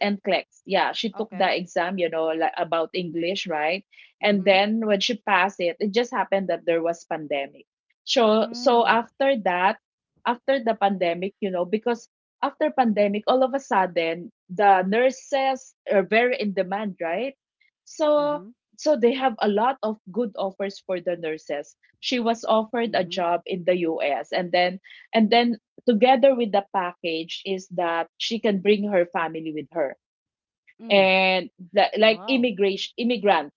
B: Yeah, she took the
A: Okay.
B: exam, you know, like about English, right? And
A: Mm-hmm.
B: then when she passed it, it just happened that there was pandemic. So so
A: Mm.
B: after that, after the pandemic, you know, because after pandemic, all of a sudden, the nurses are very in demand, right? So
A: Mm-hmm.
B: so they have a lot of good offers for the nurses. She was offered a
A: Mm-hmm.
B: job in the US, and then and then together with the package is that she can bring her family with her.
A: Mm.
B: And the, like,
A: Wow.
B: immigration immigrants,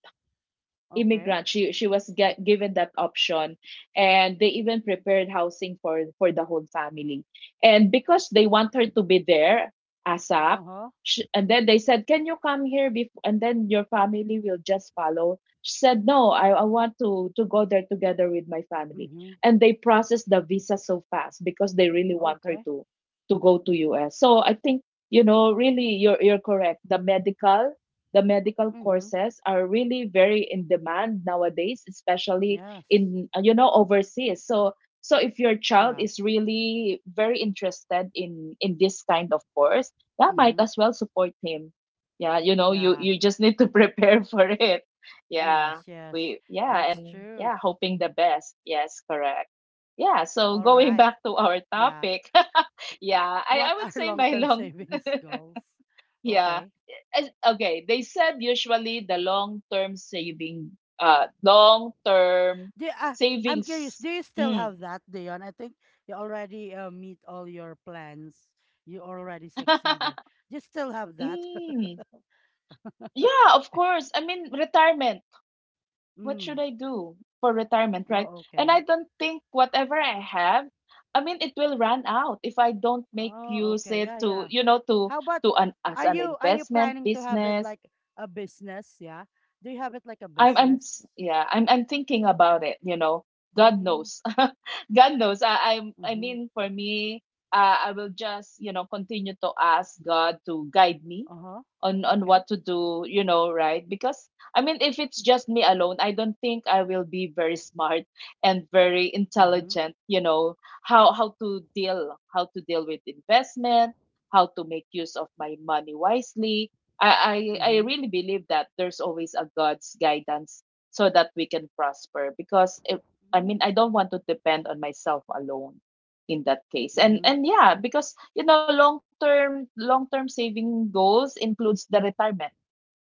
A: Okay.
B: immigrant, she was given that option. And they even prepared housing for the whole family, and because they want her to be there ASAP.
A: Uh-huh.
B: Sh And then they said, can you come here before, and then your family will just follow? She said, no, I want to go there together with my family.
A: Mm-hmm.
B: And they processed the visa so fast because they really want her
A: Okay.
B: to go to US. So I think, you know, really, you're correct, the medical, the medical
A: Mm-hmm.
B: courses are really very in demand nowadays, especially
A: Yes.
B: in you know, overseas. So so if your child
A: Yeah.
B: is really very interested in this kind of course, yeah, might
A: Mm-hmm.
B: as well support him. Yeah, you know,
A: Yeah.
B: you just need to prepare for it. Yeah.
A: Yes, yes.
B: We yeah,
A: That's
B: and
A: true.
B: yeah, hoping the best. Yes, correct. Yeah, so
A: All
B: going
A: right.
B: back to our
A: Yeah.
B: topic. yeah,
A: What
B: I would
A: are
B: say my
A: long-term
B: long
A: savings goals?
B: yeah
A: Okay.
B: okay, they said usually the long term saving, long term
A: Do, uh, I'm curious,
B: savings.
A: do you still
B: Mm.
A: have that, Dion? I think you already, meet all your plans. You already succeeded. Do you still have that?
B: mm. Yeah, of course. I mean, retirement. What should
A: mm.
B: I do for retirement, right?
A: Oh,
B: And
A: okay.
B: I don't think whatever I have, I mean, it will run out if I don't make
A: Oh,
B: use
A: okay.
B: it
A: Yeah, yeah.
B: you know, to
A: How about
B: an as
A: are
B: an
A: you are you
B: investment
A: planning to have it
B: business.
A: like a business? Yeah. Do you have it like a
B: I'm
A: business?
B: yeah, I'm thinking about it, you know. God
A: Mm.
B: knows. God knows. I
A: Mm-hmm.
B: mean, for me, I will just, you know, continue to ask God to guide me
A: Uh-huh.
B: on
A: Okay.
B: what to do, you know, right? Because I mean, if it's just me alone, I don't think I will be very smart and very
A: Mhm.
B: intelligent, you know, how to deal with investment, how to make use of my money wisely. I
A: Mhm.
B: really believe that there's always a God's guidance, so that we can prosper. Because it, I
A: Mhm.
B: mean, I don't want to depend on myself alone in that case. and
A: Mhm.
B: and yeah, because you know, long term saving goals includes the retirement,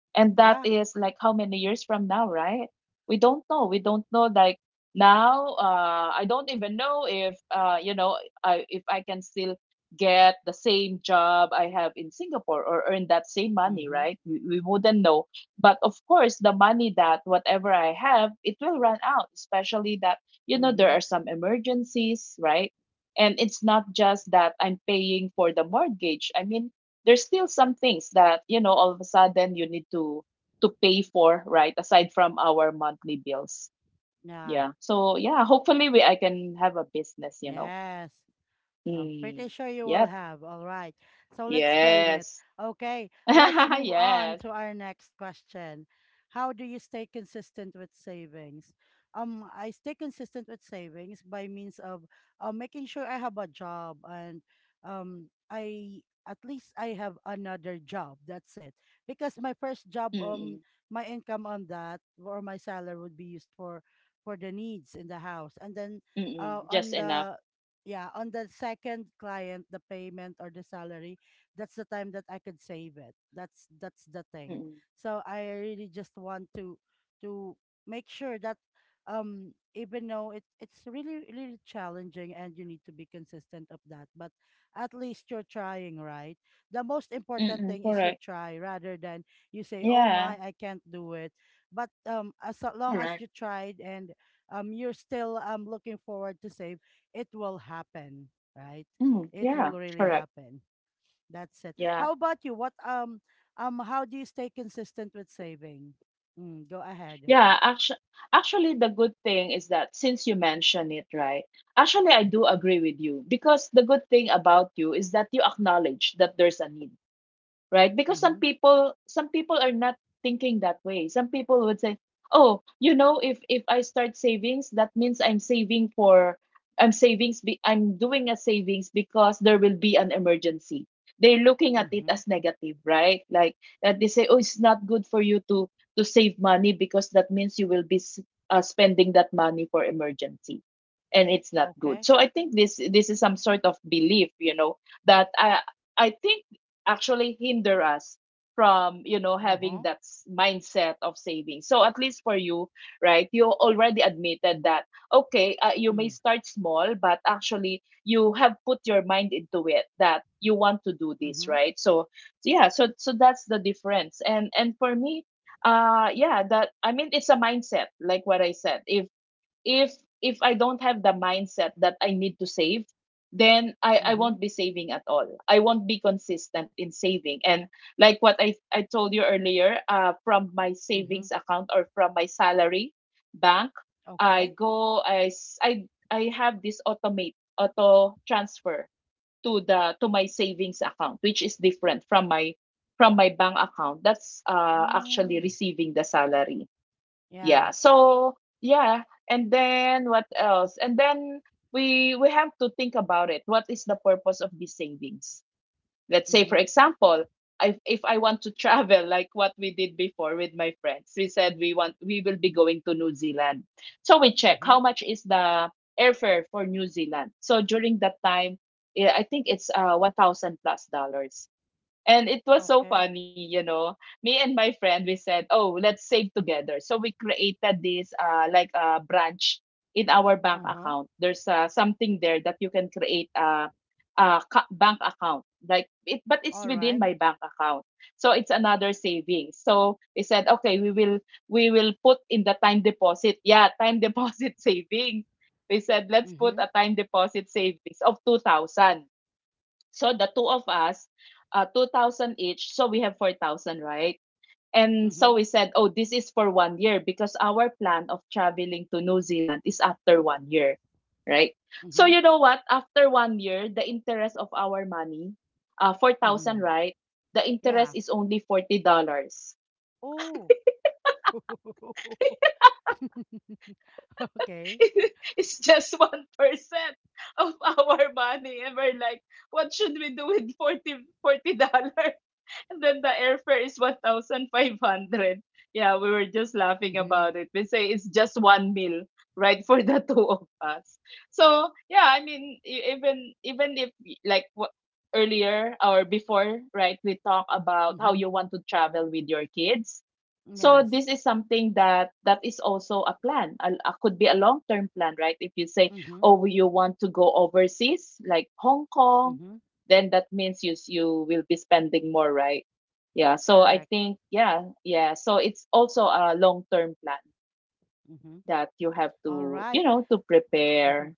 B: and that
A: Yeah.
B: is like how many years from now, right? We don't know, we don't know. Like, now, I don't even know if, you know, I if I can still get the same job I have in Singapore or earn that same money,
A: Mhm.
B: right? We wouldn't know. But of course, the money that whatever I have, it will run out, especially that, you know, there
A: Mhm.
B: are some emergencies, right? And it's not just that I'm paying for the mortgage. I mean, there's still some things that, you know, all of a sudden you need to pay for, right? Aside from our monthly bills.
A: Yeah.
B: Yeah, so yeah, hopefully we I can have a business, you know.
A: Yes. I'm
B: Mm.
A: pretty sure you will
B: Yep.
A: have. All right. So let's claim it.
B: Yes.
A: Okay. Let's move on
B: Yes.
A: to our next question. How do you stay consistent with savings? I stay consistent with savings by means of, making sure I have a job, and I at least I have another job. That's it. Because my first job,
B: Mm-mm.
A: my income on that, or my salary, would be used for the needs in the house, and then,
B: Mm-mm. Just
A: on
B: enough.
A: the, yeah, on the second client, the payment or the salary, that's the time that I could save it. That's the thing.
B: Mm-mm.
A: So I really just want to to make sure that, even though it's really really challenging and you need to be consistent of that, but at least you're trying, right? The most important
B: Mm-mm.
A: thing is you
B: Correct.
A: try, rather than you say, "Oh
B: Yeah.
A: my, I can't do it." But, as long as
B: Correct.
A: you tried and you're still looking forward to save, it will happen, right?
B: Mm.
A: It
B: Yeah.
A: will really
B: Correct.
A: happen. That's it.
B: Yeah.
A: How about you? What how do you stay consistent with saving? Mm, go ahead.
B: Yeah, actually, the good thing is that since you mention it, right? Actually, I do agree with you because the good thing about you is that you acknowledge that there's a need, right? Because some
A: Mm-hmm.
B: people some people are not thinking that way. Some people would say, "Oh, you know, if I start savings, that means I'm doing a savings because there will be an emergency." They're looking at it
A: Mm-hmm.
B: as negative, right? Like that they say, "Oh, it's not good for you to save money because that means you will be spending that money for emergency." And it's not good.
A: Okay.
B: So I think this is some sort of belief, that I think actually hinder us from
A: Uh-huh.
B: having that mindset of saving, so at least for you, right? You already admitted that. Okay, you
A: Mm.
B: may start small, but actually you have put your mind into it that you want to do this,
A: Mm-hmm.
B: right? So yeah, so that's the difference. And for me, yeah, that, I mean, it's a mindset, like what I said, if, if if I don't have the mindset that I need to save, then I
A: Mm-hmm.
B: won't be saving at all. I won't be consistent in saving. And like what I told you earlier, from my
A: Mm-hmm.
B: savings account or from my salary bank, I
A: Okay.
B: go I, s- I have this auto transfer to the to my savings account, which is different from my bank account. That's actually
A: Mm.
B: receiving the salary.
A: Yeah.
B: Yeah. So yeah, and then what else? And then we have to think about it. What is the purpose of these savings? Let's say,
A: Mm-hmm.
B: for example, if I want to travel, like what we did before with my friends, we said we will be going to New Zealand. So we check
A: Mm-hmm.
B: how much is the airfare for New Zealand. So during that time, yeah, I think it's 1,000 plus dollars. And it was so
A: Okay.
B: funny. Me and my friend, we said, "Oh, let's save together." So we created this, like a branch in our bank
A: Uh-huh.
B: account. There's something there that you can create a bank account, like it, but it's
A: All
B: within
A: right.
B: my bank account. So it's another savings. So we said, "Okay, we will put in the time deposit." Yeah, time deposit savings. We said, "Let's put
A: Mm-hmm.
B: a time deposit savings of 2,000." So the two of us, 2,000 each. So we have 4,000, right? And
A: Mm-hmm.
B: so we said, oh, this is for 1 year, because our plan of traveling to New Zealand is after 1 year, right? So
A: Mm-hmm.
B: you know what? After 1 year, the interest of our money, 4,000,
A: Mm-hmm.
B: right? The interest
A: Yeah.
B: is only $40.
A: Oh. Okay.
B: It's just 1% of our money. And we're like, what should we do with 40 dollars? And then the airfare is 1,500. Yeah, we were just laughing
A: Mm-hmm.
B: about it. We say it's just one meal, right, for the two of us. So, yeah, I mean, e- even even if y- like wh- earlier or before, right, we talk about how
A: Mm-hmm.
B: you want to travel with your kids. So
A: Yes.
B: this is something that is also a plan. A could be a long-term plan, right? If you say,
A: Mm-hmm.
B: oh, you want to go overseas, like Hong Kong,
A: Mm-hmm.
B: then that means you will be spending more, right? Yeah. So I
A: Correct.
B: think yeah, yeah. So it's also a long term plan
A: Mm-hmm.
B: that you have
A: All
B: to
A: right.
B: you know to prepare.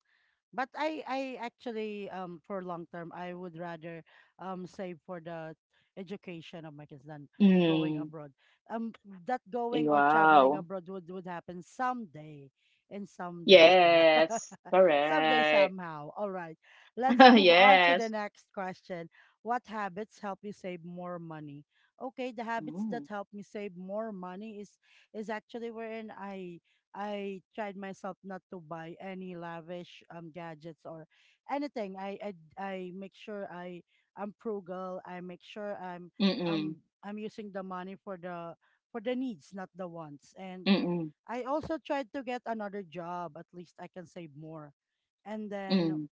A: But I actually, for long term, I would rather save for the education of my kids than going
B: Mm.
A: abroad. Um that going or traveling
B: Wow.
A: abroad would happen someday and someday. Yeah.
B: Yes.
A: Someday
B: Correct.
A: somehow. All right. Let's move on to the
B: Yes.
A: next question. What habits help you save more money? Okay, the habits that
B: Mm.
A: help me save more money is actually wherein I tried myself not to buy any lavish gadgets or anything. I make sure I'm frugal. I make sure I'm
B: Mm-mm.
A: using the money for the needs, not the wants. And
B: Mm-mm.
A: I also tried to get another job. At least I can save more. And then,
B: Mm.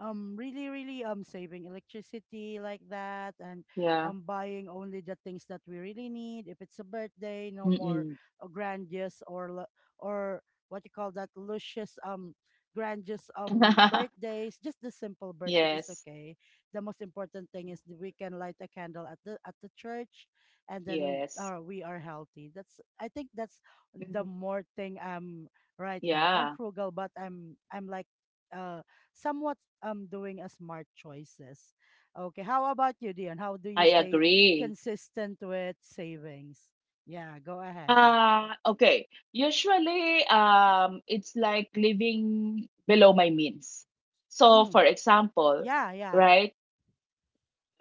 A: really really, saving electricity like that, and
B: Yeah.
A: buying only the things that we really need. If it's a birthday, no more,
B: Mm-mm.
A: grandiose or, or what you call that, luscious, grandiose, birthdays, just the simple birthday is
B: Yes.
A: okay. The most important thing
B: Mm-hmm.
A: is that we can light a candle at the church, and then,
B: Yes.
A: we are healthy. That's, I think, that's the
B: Mhm.
A: more thing. Right now I'm
B: Yeah,
A: frugal, but I'm like, uh somewhat, doing a smart choices. Okay, how about you, Dion? How do
B: I
A: you stay
B: agree.
A: consistent with savings? Yeah, go ahead.
B: Okay. Usually, it's like living below my means. So,
A: Mm.
B: for
A: uh,
B: example,
A: Yeah, yeah.
B: right?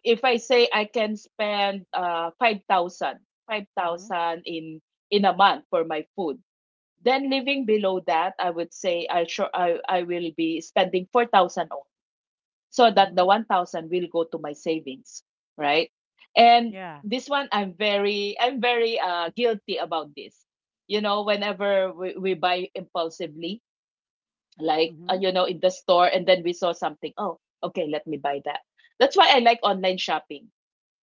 B: If I say I can spend five thousand, five
A: Mm-hmm.
B: thousand in a month for my food, then living below that, I would say I sure I will be spending 4,000 only, so that
A: Mm-hmm.
B: the 1,000 will go to my savings, right? And
A: Yeah.
B: this one I'm very guilty about this. You know, whenever we buy impulsively, like
A: Mm-hmm.
B: in the store, and then we saw something, oh, okay, let me buy that. That's why I like online shopping,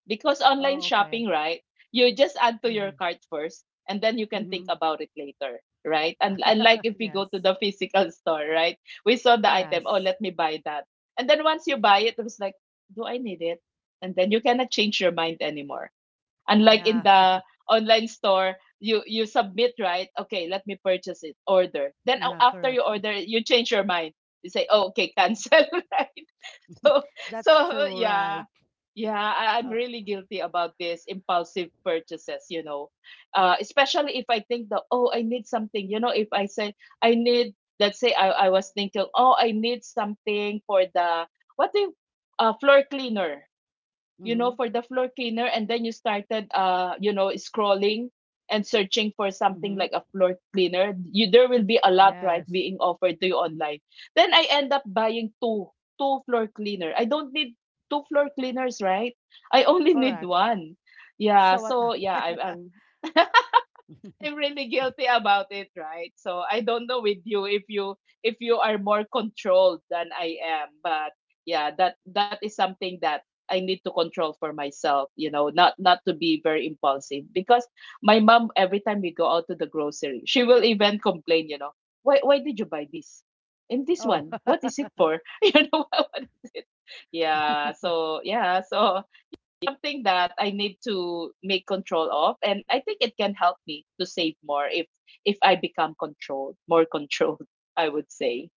B: because
A: Oh,
B: online
A: okay.
B: shopping, right? You just add to
A: Mm-hmm.
B: your cart first, and then you can
A: Mm-hmm.
B: think about it later, right? And like if we
A: Yes.
B: go to the physical store, right? We saw the item, oh,
A: Yes.
B: let me buy that. And then once you buy it, it was like, do I need it? And then you cannot change your mind anymore. Unlike in
A: Yeah.
B: the online store, you submit, right? Okay, let me purchase it, order. Then
A: Yeah,
B: after you
A: correct.
B: order, you change your mind. You say, oh, okay, cancel, right? so so
A: That's true,
B: yeah,
A: right?
B: yeah, I'm
A: Uh
B: really guilty about this impulsive purchases. Especially if I think that, oh, I need something, if I say I need, let's say I was thinking, oh, I need something for the what do you, floor cleaner, you know,
A: Mm-hmm.
B: for the floor cleaner, and then you started, scrolling and searching for something
A: Mm-hmm.
B: like a floor cleaner, you there will be a lot, right,
A: Yes.
B: being offered to you online. Then I end up buying two floor cleaner. I don't need two floor cleaners, right? I only need
A: Correct.
B: one. Yeah.
A: So what
B: So yeah, I,
A: happened?
B: I'm. I'm really guilty about it, right? So I don't know with you, if you are more controlled than I am, but yeah, that is something that I need to control for myself, you know, not to be very impulsive, because my mom, every time we go out to the grocery, she will even complain, why did you buy this? And this
A: Oh.
B: one, what is it for? You know what is it? Yeah, so yeah, so something that I need to make control of, and I think it can help me to save more if I become controlled, more controlled. I would say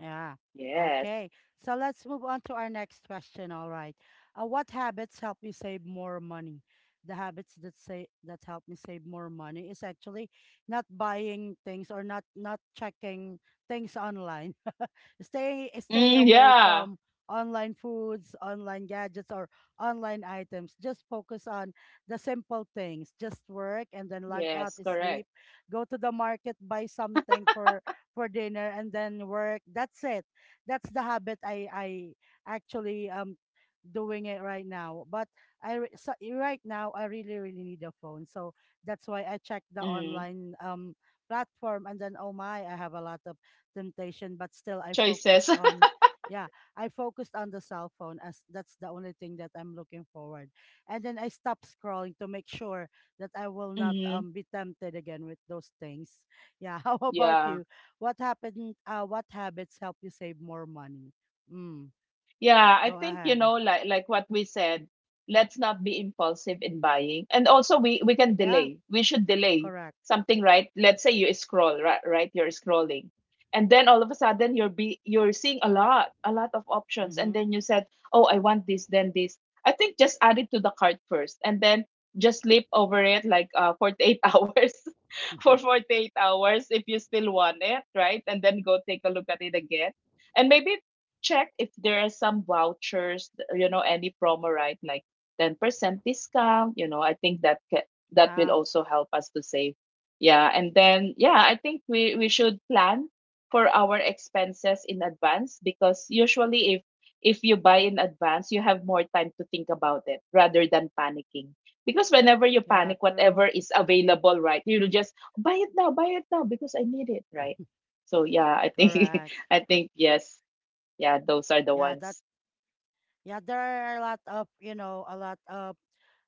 A: Yeah.
B: yes.
A: Okay. So let's move on to our next question. All right. What habits help you save more money? The habits that say that help me save more money is actually not buying things, or not checking things online. Stay
B: Mm,
A: away
B: yeah.
A: from online foods, online gadgets, or online items. Just focus on the simple things. Just work and then log out,
B: Yes.
A: sleep,
B: Correct.
A: go to the market, buy something for dinner and then work. That's it. That's the habit I actually doing it right now. But so right now I really really need a phone, so that's why I check the
B: Mm.
A: online platform, and then, oh my, I have a lot of temptation, but still I focused
B: Choices.
A: on, yeah, I focused on the cell phone as that's the only thing that I'm looking forward. And then I stopped scrolling to make sure that I will not
B: Hmm.
A: be tempted again with those things. Yeah, how about
B: Yeah.
A: you? What happened? What habits help you save more money? Mm,
B: Yeah, I
A: go
B: think,
A: ahead.
B: like what we said, let's not be impulsive in buying, and also we can
A: Yeah,
B: delay. We should delay
A: correct.
B: something, right? Let's say you scroll, right? Right, you're scrolling, and then all of a sudden you're seeing a lot of options, and
A: Mm-hmm.
B: then you said, oh, I want this, then this. I think just add it to the cart first, and then just sleep over it like 48 hours for 48 hours if you still want it, right, and then go take a look at it again and maybe check if there are some vouchers, any promo, right? Like 10% discount, I think that that will
A: Yeah,
B: also help us to save. Yeah, and then yeah, I think we should plan for our expenses in advance, because usually if you buy in advance, you have more time to think about it rather than panicking. Because whenever you
A: yeah,
B: panic,
A: true.
B: whatever is available, right? You'll just buy it now because I need it, right? So yeah, I think
A: Correct.
B: I think yes. Yeah, those are the
A: Yeah, that.
B: ones.
A: Yeah, there are a lot of, you know a lot of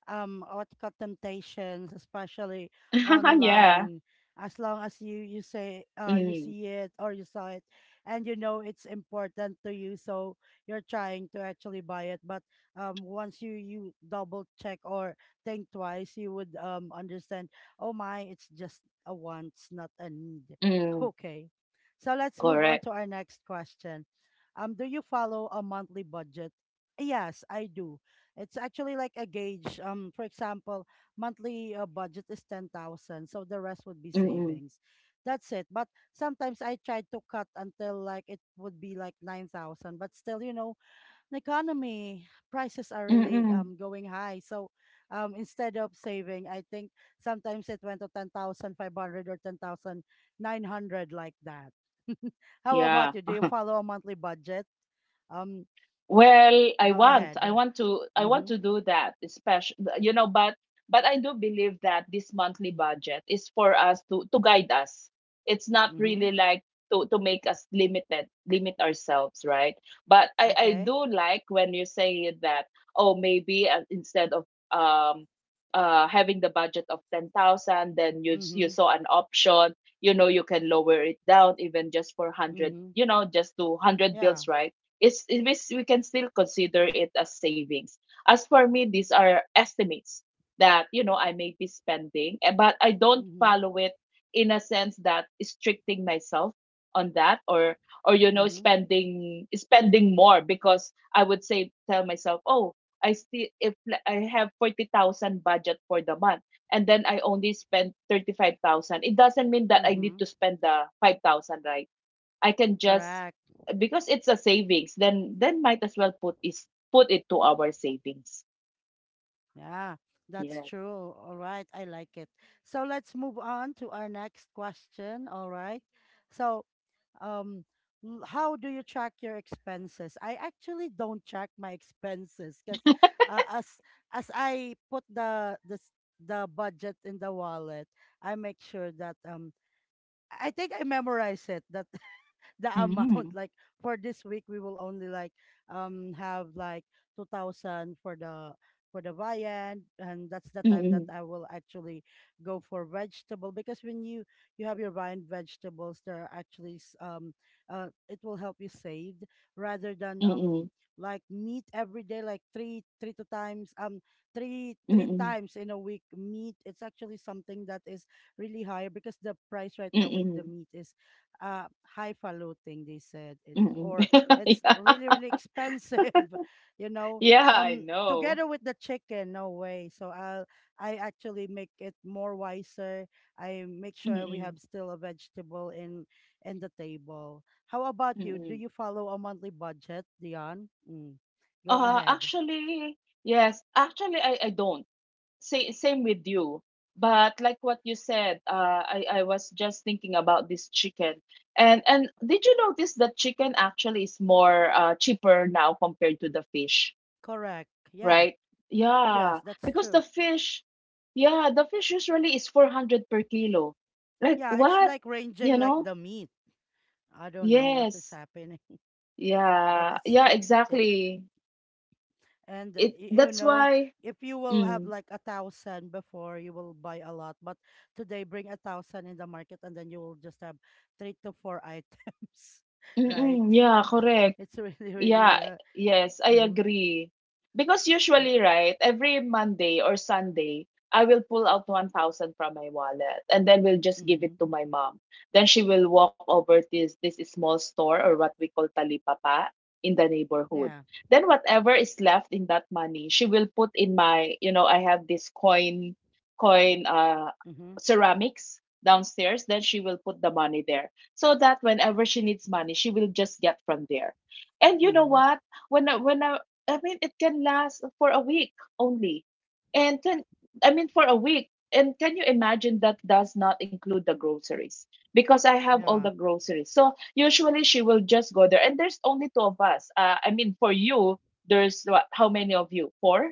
A: um what you call, temptations, especially
B: Yeah.
A: online. As long as you say you
B: Mm,
A: see it or you saw it, and you know it's important to you, so you're trying to actually buy it. But once you double check or think twice, you would understand. Oh my, it's just a want, not a need.
B: mm,
A: Okay, so let's move on
B: correct.
A: to our next question. Do you follow a monthly budget? Yes, I do. It's actually like a gauge. For example, monthly budget is 10,000, so the rest would be
B: Mm-mm,
A: savings. That's it. But sometimes I try to cut until like it would be like 9,000, but still, you know, the economy prices are really
B: mm-mm.
A: going high. So, instead of saving, I think sometimes it went to 10,500 or 10,900 like that. How about
B: Yeah.
A: you? Do you follow a monthly budget? Um,
B: Well, I
A: go
B: want, I
A: ahead.
B: want to, I want
A: Mm-hmm.
B: to do that, especially, but I do believe that this monthly budget is for us to guide us. It's not
A: Mm-hmm.
B: really like to make us limit ourselves, right? But I
A: Okay.
B: do like when you say that, oh, maybe instead of, um, having the budget of 10,000, then you
A: Mhm.
B: saw an option, you can lower it down even just for 100,
A: Mhm.
B: just to 100
A: Yeah.
B: bills, right? It is, we can still consider it as savings. As for me, these are estimates that I may be spending, eh, but I don't
A: Mhm.
B: follow it in a sense that restricting myself on that or or you know
A: Mhm.
B: spending spending more, because I would say tell myself, oh, I still if li- I have 40,000 budget for the month, and then I only spend 35,000. It doesn't mean that I need
A: Mhm.
B: to spend the 5,000, right? I can just
A: Correct.
B: because it's a savings, then might as well put it to our savings.
A: Yeah. That's
B: Yeah.
A: true. All right. I like it. So let's move on to our next question. All right. So, um, how do you track your expenses? I actually don't track my expenses because as I put the budget in the wallet, I make sure that I think I memorize it that the amount
B: Mm.
A: like for this week we will only like have like 2,000 for the viand, and that's the time that
B: Mm.
A: I will actually go for vegetable. Because when you have your viand vegetables there are actually it will help you save rather than
B: Mm.
A: like meat every day, like three
B: Mm.
A: times in a week meat, it's actually something that is really higher because the price right now with the
B: Mm.
A: meat is uh highfalutin, they said, it's
B: Mm.
A: or it's
B: Yeah.
A: really really expensive. You know,
B: Yeah, I know.
A: together with the chicken, no way. So I actually make it more wiser. I make sure we
B: Mm.
A: have still a vegetable in the table. How about you? Do
B: Mm.
A: you follow a monthly budget, Dion? Mm. Go ahead.
B: Actually, yes, actually, I don't. Say, same with you. But like what you said, I was just thinking about this chicken. And did you notice that chicken actually is more cheaper now compared to the fish,
A: Correct. Yeah.
B: right? Yeah,
A: Yes, that's
B: because the
A: true.
B: fish, yeah, the fish usually is 400 per kilo. Like
A: Yeah, it's
B: what?
A: like
B: You
A: ranging like
B: know?
A: the meat. I don't know what is
B: Yes.
A: happening. But
B: Yeah.
A: it's
B: Yeah,
A: it it
B: exactly.
A: and
B: It
A: you
B: That's
A: know,
B: why.
A: if you will have
B: Mm.
A: like a thousand before, you will buy a lot. But today, bring a thousand in the market and then you will just have three to four items, right?
B: Mm-mm. Yeah, correct.
A: It's really
B: Yeah,
A: really
B: yes, I
A: mm-hmm,
B: agree. Because
A: yeah.
B: usually, right, every Monday or Sunday, I will pull out 1,000 from my wallet and then we'll just give
A: Mm-hmm,
B: it to my mom. Then she will walk over this small store, or what we call talipapa, in the neighborhood.
A: yeah.
B: Then whatever is left in that money, she will put in my, I have this coin coin
A: Mm-hmm.
B: ceramics downstairs, then she will put the money there. So that whenever she needs money, she will just get from there. And you know
A: Mm-hmm,
B: what? When I, when I, I mean, it can last for a week only. And can, I mean, for a week. And can you imagine that does not include the groceries? Because I have all
A: yeah.
B: the groceries. So usually she will just go there. And there's only two of us. I mean, for you, there's what, how many of you? Four?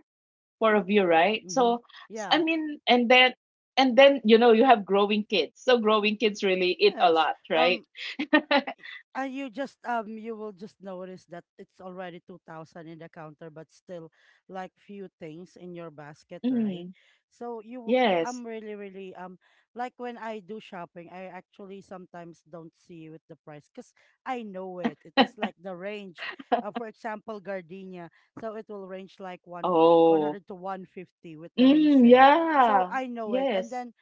B: Four of you, right?
A: Mm-hmm,
B: So,
A: yeah.
B: I mean, and then, you have growing kids. So growing kids really eat a
A: Yes.
B: lot,
A: um
B: right?
A: i- and you just you will just notice that it's already 2,000 in the counter, but still like few things in your basket, right?
B: Mm,
A: So you, I'm
B: yes.
A: really really like when I do shopping, I actually sometimes don't see with the price because I know it is like the range. For example, gardenia, so it will range like one
B: Oh.
A: 100 to 150 with the
B: Mm,
A: raisin. So
B: yeah.
A: I know it. And
B: Yes.
A: then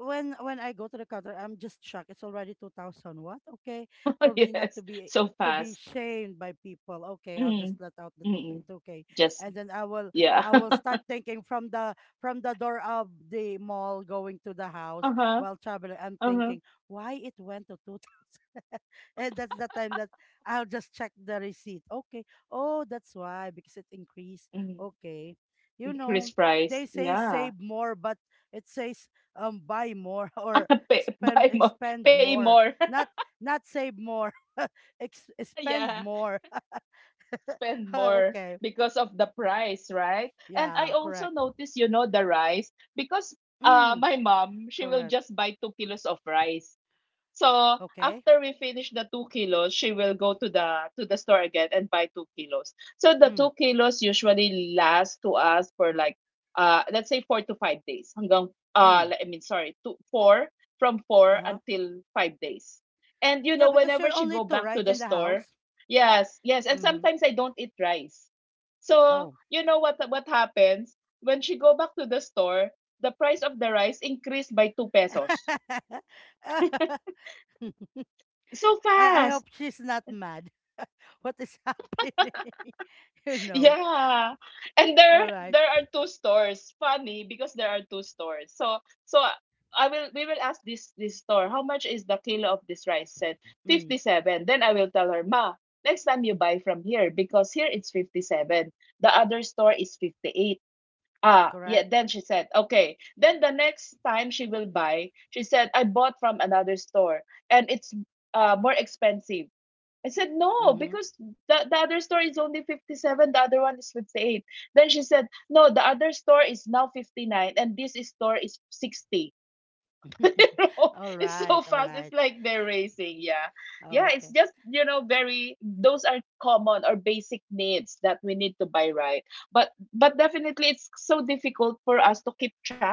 A: when I go to the counter, I'm just shocked. It's already 2,000. What? Okay, for me not to
B: Yes.
A: be,
B: So
A: to be
B: fast.
A: shamed by people, okay, I'll just
B: Mm.
A: let out the
B: Mm.
A: two k.
B: Just
A: And then I will,
B: yeah.
A: I will start thinking from the door of the mall going to the house
B: Uh-huh.
A: while traveling. I'm
B: Uh-huh.
A: thinking why it went to 2,000, and that's the time that I'll just check the receipt. Okay, oh that's why, because it increased.
B: Mm.
A: Okay, you know,
B: Increase
A: they
B: price.
A: say
B: Yeah.
A: save more, but it says buy more or
B: Pay,
A: expend
B: buy more,
A: expend
B: pay
A: more.
B: more.
A: Not, not save more. Spend
B: Yeah.
A: more.
B: Spend more
A: Okay.
B: because of the price, right? And
A: Yeah,
B: I also
A: correct.
B: notice, the rice, because
A: Mm.
B: my mom, she will
A: Correct.
B: just buy 2 kilos of rice. So
A: Okay.
B: after we finish the 2 kilos, she will go to the store again and buy 2 kilos. So the
A: Mm.
B: 2 kilos usually last to us for like let's say 4 to 5 days. Hanggang
A: Mm.
B: I mean, sorry, 2 4, from four
A: Uh-huh.
B: until 5 days. And
A: Yeah, because
B: whenever
A: you're
B: she
A: only
B: go
A: two,
B: back
A: right,
B: to the
A: in the
B: store,
A: house.
B: yes, yes, and
A: Mm-hmm.
B: sometimes I don't eat rice. So
A: Oh.
B: you know what happens when she go back to the store, the price of the rice increased by 2 pesos. So
A: I hope
B: fast.
A: she's not mad. What is happening? You know.
B: Yeah. And there
A: All right.
B: there are two stores. Funny, because there are two stores. So I will we will ask this store, how much is the kilo of this rice? Said
A: Mm.
B: 57. Then I will tell her, "Ma, next time you buy from here because here it's 57. The other store is 58." Ah,
A: Correct.
B: yeah, then she said, "Okay." Then the next time she will buy, she said, "I bought from another store and it's more expensive." I said, no,
A: Mm-hmm.
B: because the other store is only 57, the other one is 58. Then she said, no, the other store is now 59, and store is 60. you know,
A: All
B: it's so
A: right, all
B: fast. It's
A: right.
B: like they're racing. Yeah. Yeah. It's
A: Okay.
B: just, very, those are common or basic needs that we need to buy, right. But definitely it's so difficult for us to keep track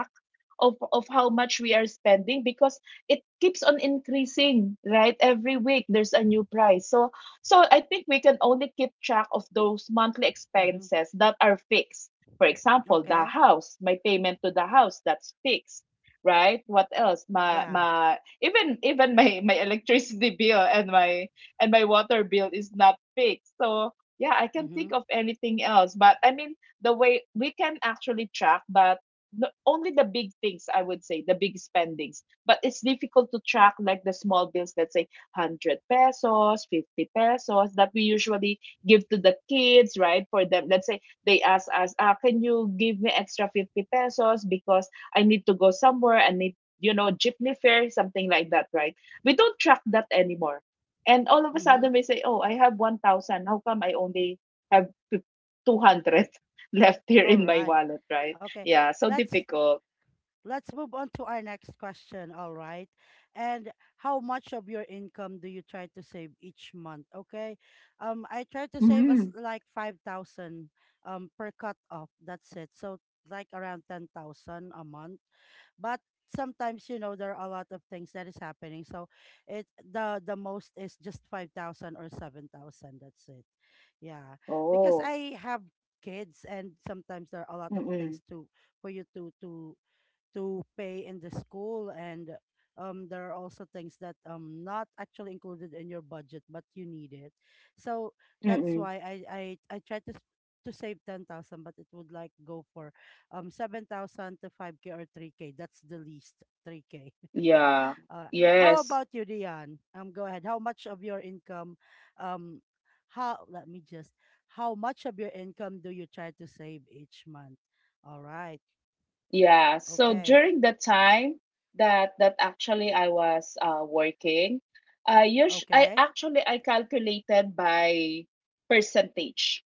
B: of how much we are spending because it keeps on increasing, right? Every week there's a new price. So I think we can only keep track of those monthly
A: Mm-hmm.
B: expenses that are fixed. For example, the
A: Okay.
B: house, my payment to the house, that's fixed, right? What else? My
A: Yeah.
B: my even my electricity bill and my water bill is not fixed. So yeah, I can
A: Mm-hmm.
B: think of anything else. But I mean, the way we can actually track, but only the big things, I would say, the big spendings. But it's difficult to track like the small bills. Let's say 100 pesos, 50 pesos that we usually give to the kids, right? For them, let's say they ask us, ah, can you give me extra 50 pesos because I need to go somewhere. I need, jeepney fare, something like that, right? We don't track that anymore. And all of a
A: Mm-hmm.
B: sudden we say, oh, I have 1,000. How come I only have 200 left here
A: All
B: in my
A: right.
B: wallet, right?
A: Okay.
B: Yeah, so
A: Let's
B: difficult.
A: Let's move on to our next question. All right. And how much of your income do you try to save each month? Okay. I try to save
B: Mm-hmm.
A: us like 5,000 per cut off. That's it. So like around 10,000 a month. But sometimes, you know, there are a lot of things that is happening. So it the most is just 5,000 or 7,000. That's it. Yeah. Because
B: Oh.
A: I have kids, and sometimes there are a lot of
B: Mm-mm.
A: things to, for you to to pay in the school. And there are also things that not actually included in your budget, but you need it. So that's
B: Mm-mm.
A: why I try to to save 10,000, but it would like go for 7,000 to 5k or 3k. That's the least, 3k.
B: Yeah,
A: uh how
B: yes.
A: about you, Dion? Go ahead. How much of your income, um how, let me just, how much of your income do you try to save each month? All right.
B: Yeah, so
A: Okay.
B: during the time that actually I was working,
A: Okay.
B: I calculated by percentage,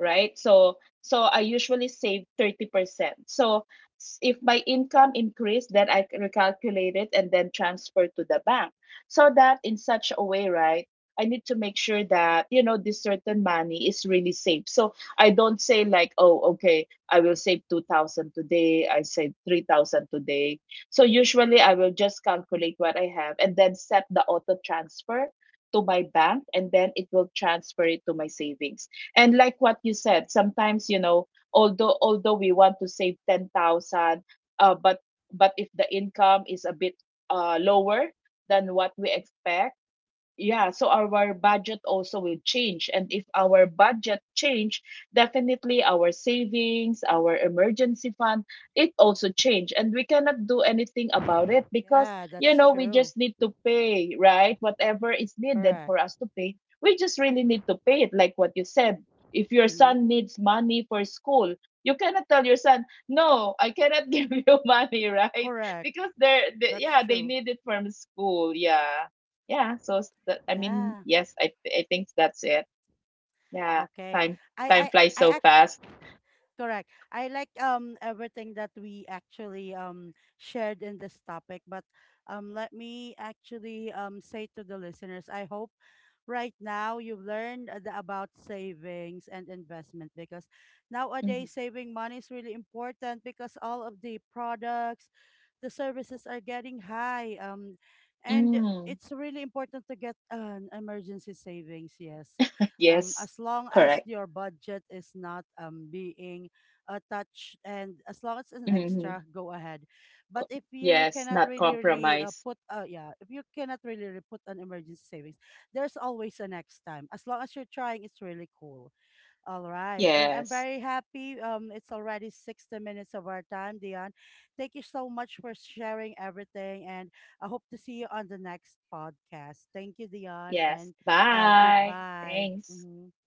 B: right? So I usually save 30%. So if my income increase, then I recalculate it and then transfer to the bank. So that in such a way, right? I need to make sure that this certain money is really saved. So I don't say like, oh, okay, I will save 2,000 today. I save 3,000 today. So usually I will just calculate what I have and then set the auto transfer to my bank, and then it will transfer it to my savings. And like what you said, sometimes, although we want to save 10,000, uh, but but if the income is a bit lower than what we expect, yeah, so our budget also will change. And if our budget change, definitely our savings, our emergency fund, it also change. And we cannot do anything about it because,
A: Yeah, that's
B: we
A: true.
B: just need to pay, right? Whatever is needed
A: Correct.
B: for us to pay, we just really need to pay it. Like what you said, if your
A: Mm-hmm.
B: son needs money for school, you cannot tell your son, no, I cannot give you money, right?
A: Correct.
B: Because
A: That's
B: yeah, they
A: true.
B: need it from school. Yeah. Yeah, so I mean,
A: Yeah.
B: yes, I think that's it. Yeah,
A: Okay.
B: time
A: I I
B: time flies
A: I
B: so
A: ac-
B: fast.
A: Correct. I like everything that we actually shared in this topic. But let me actually say to the listeners, I hope right now you've learned about savings and investment, because
B: Mhm.
A: nowadays saving money is really important because all of the products, the services are getting high. And
B: Mm.
A: it's really important to get an emergency savings. Yes,
B: Yes,
A: as long as
B: correct.
A: your budget is not being touched, and as long as it's an
B: Hmm.
A: extra, go ahead. But
B: Co-
A: if you
B: yes,
A: cannot
B: not
A: really really
B: compromise.
A: put yeah, if you cannot really, really put an emergency savings, there's always a next time. As long as you're trying, it's really cool. All right. And I'm
B: Yes,
A: very happy. It's already 60 minutes of our time, Dion. Thank you so much for sharing everything. And I hope to see you on the next podcast. Thank you, Dion.
B: yes.
A: And
B: Bye.
A: goodbye.
B: Thanks.
A: Hmm.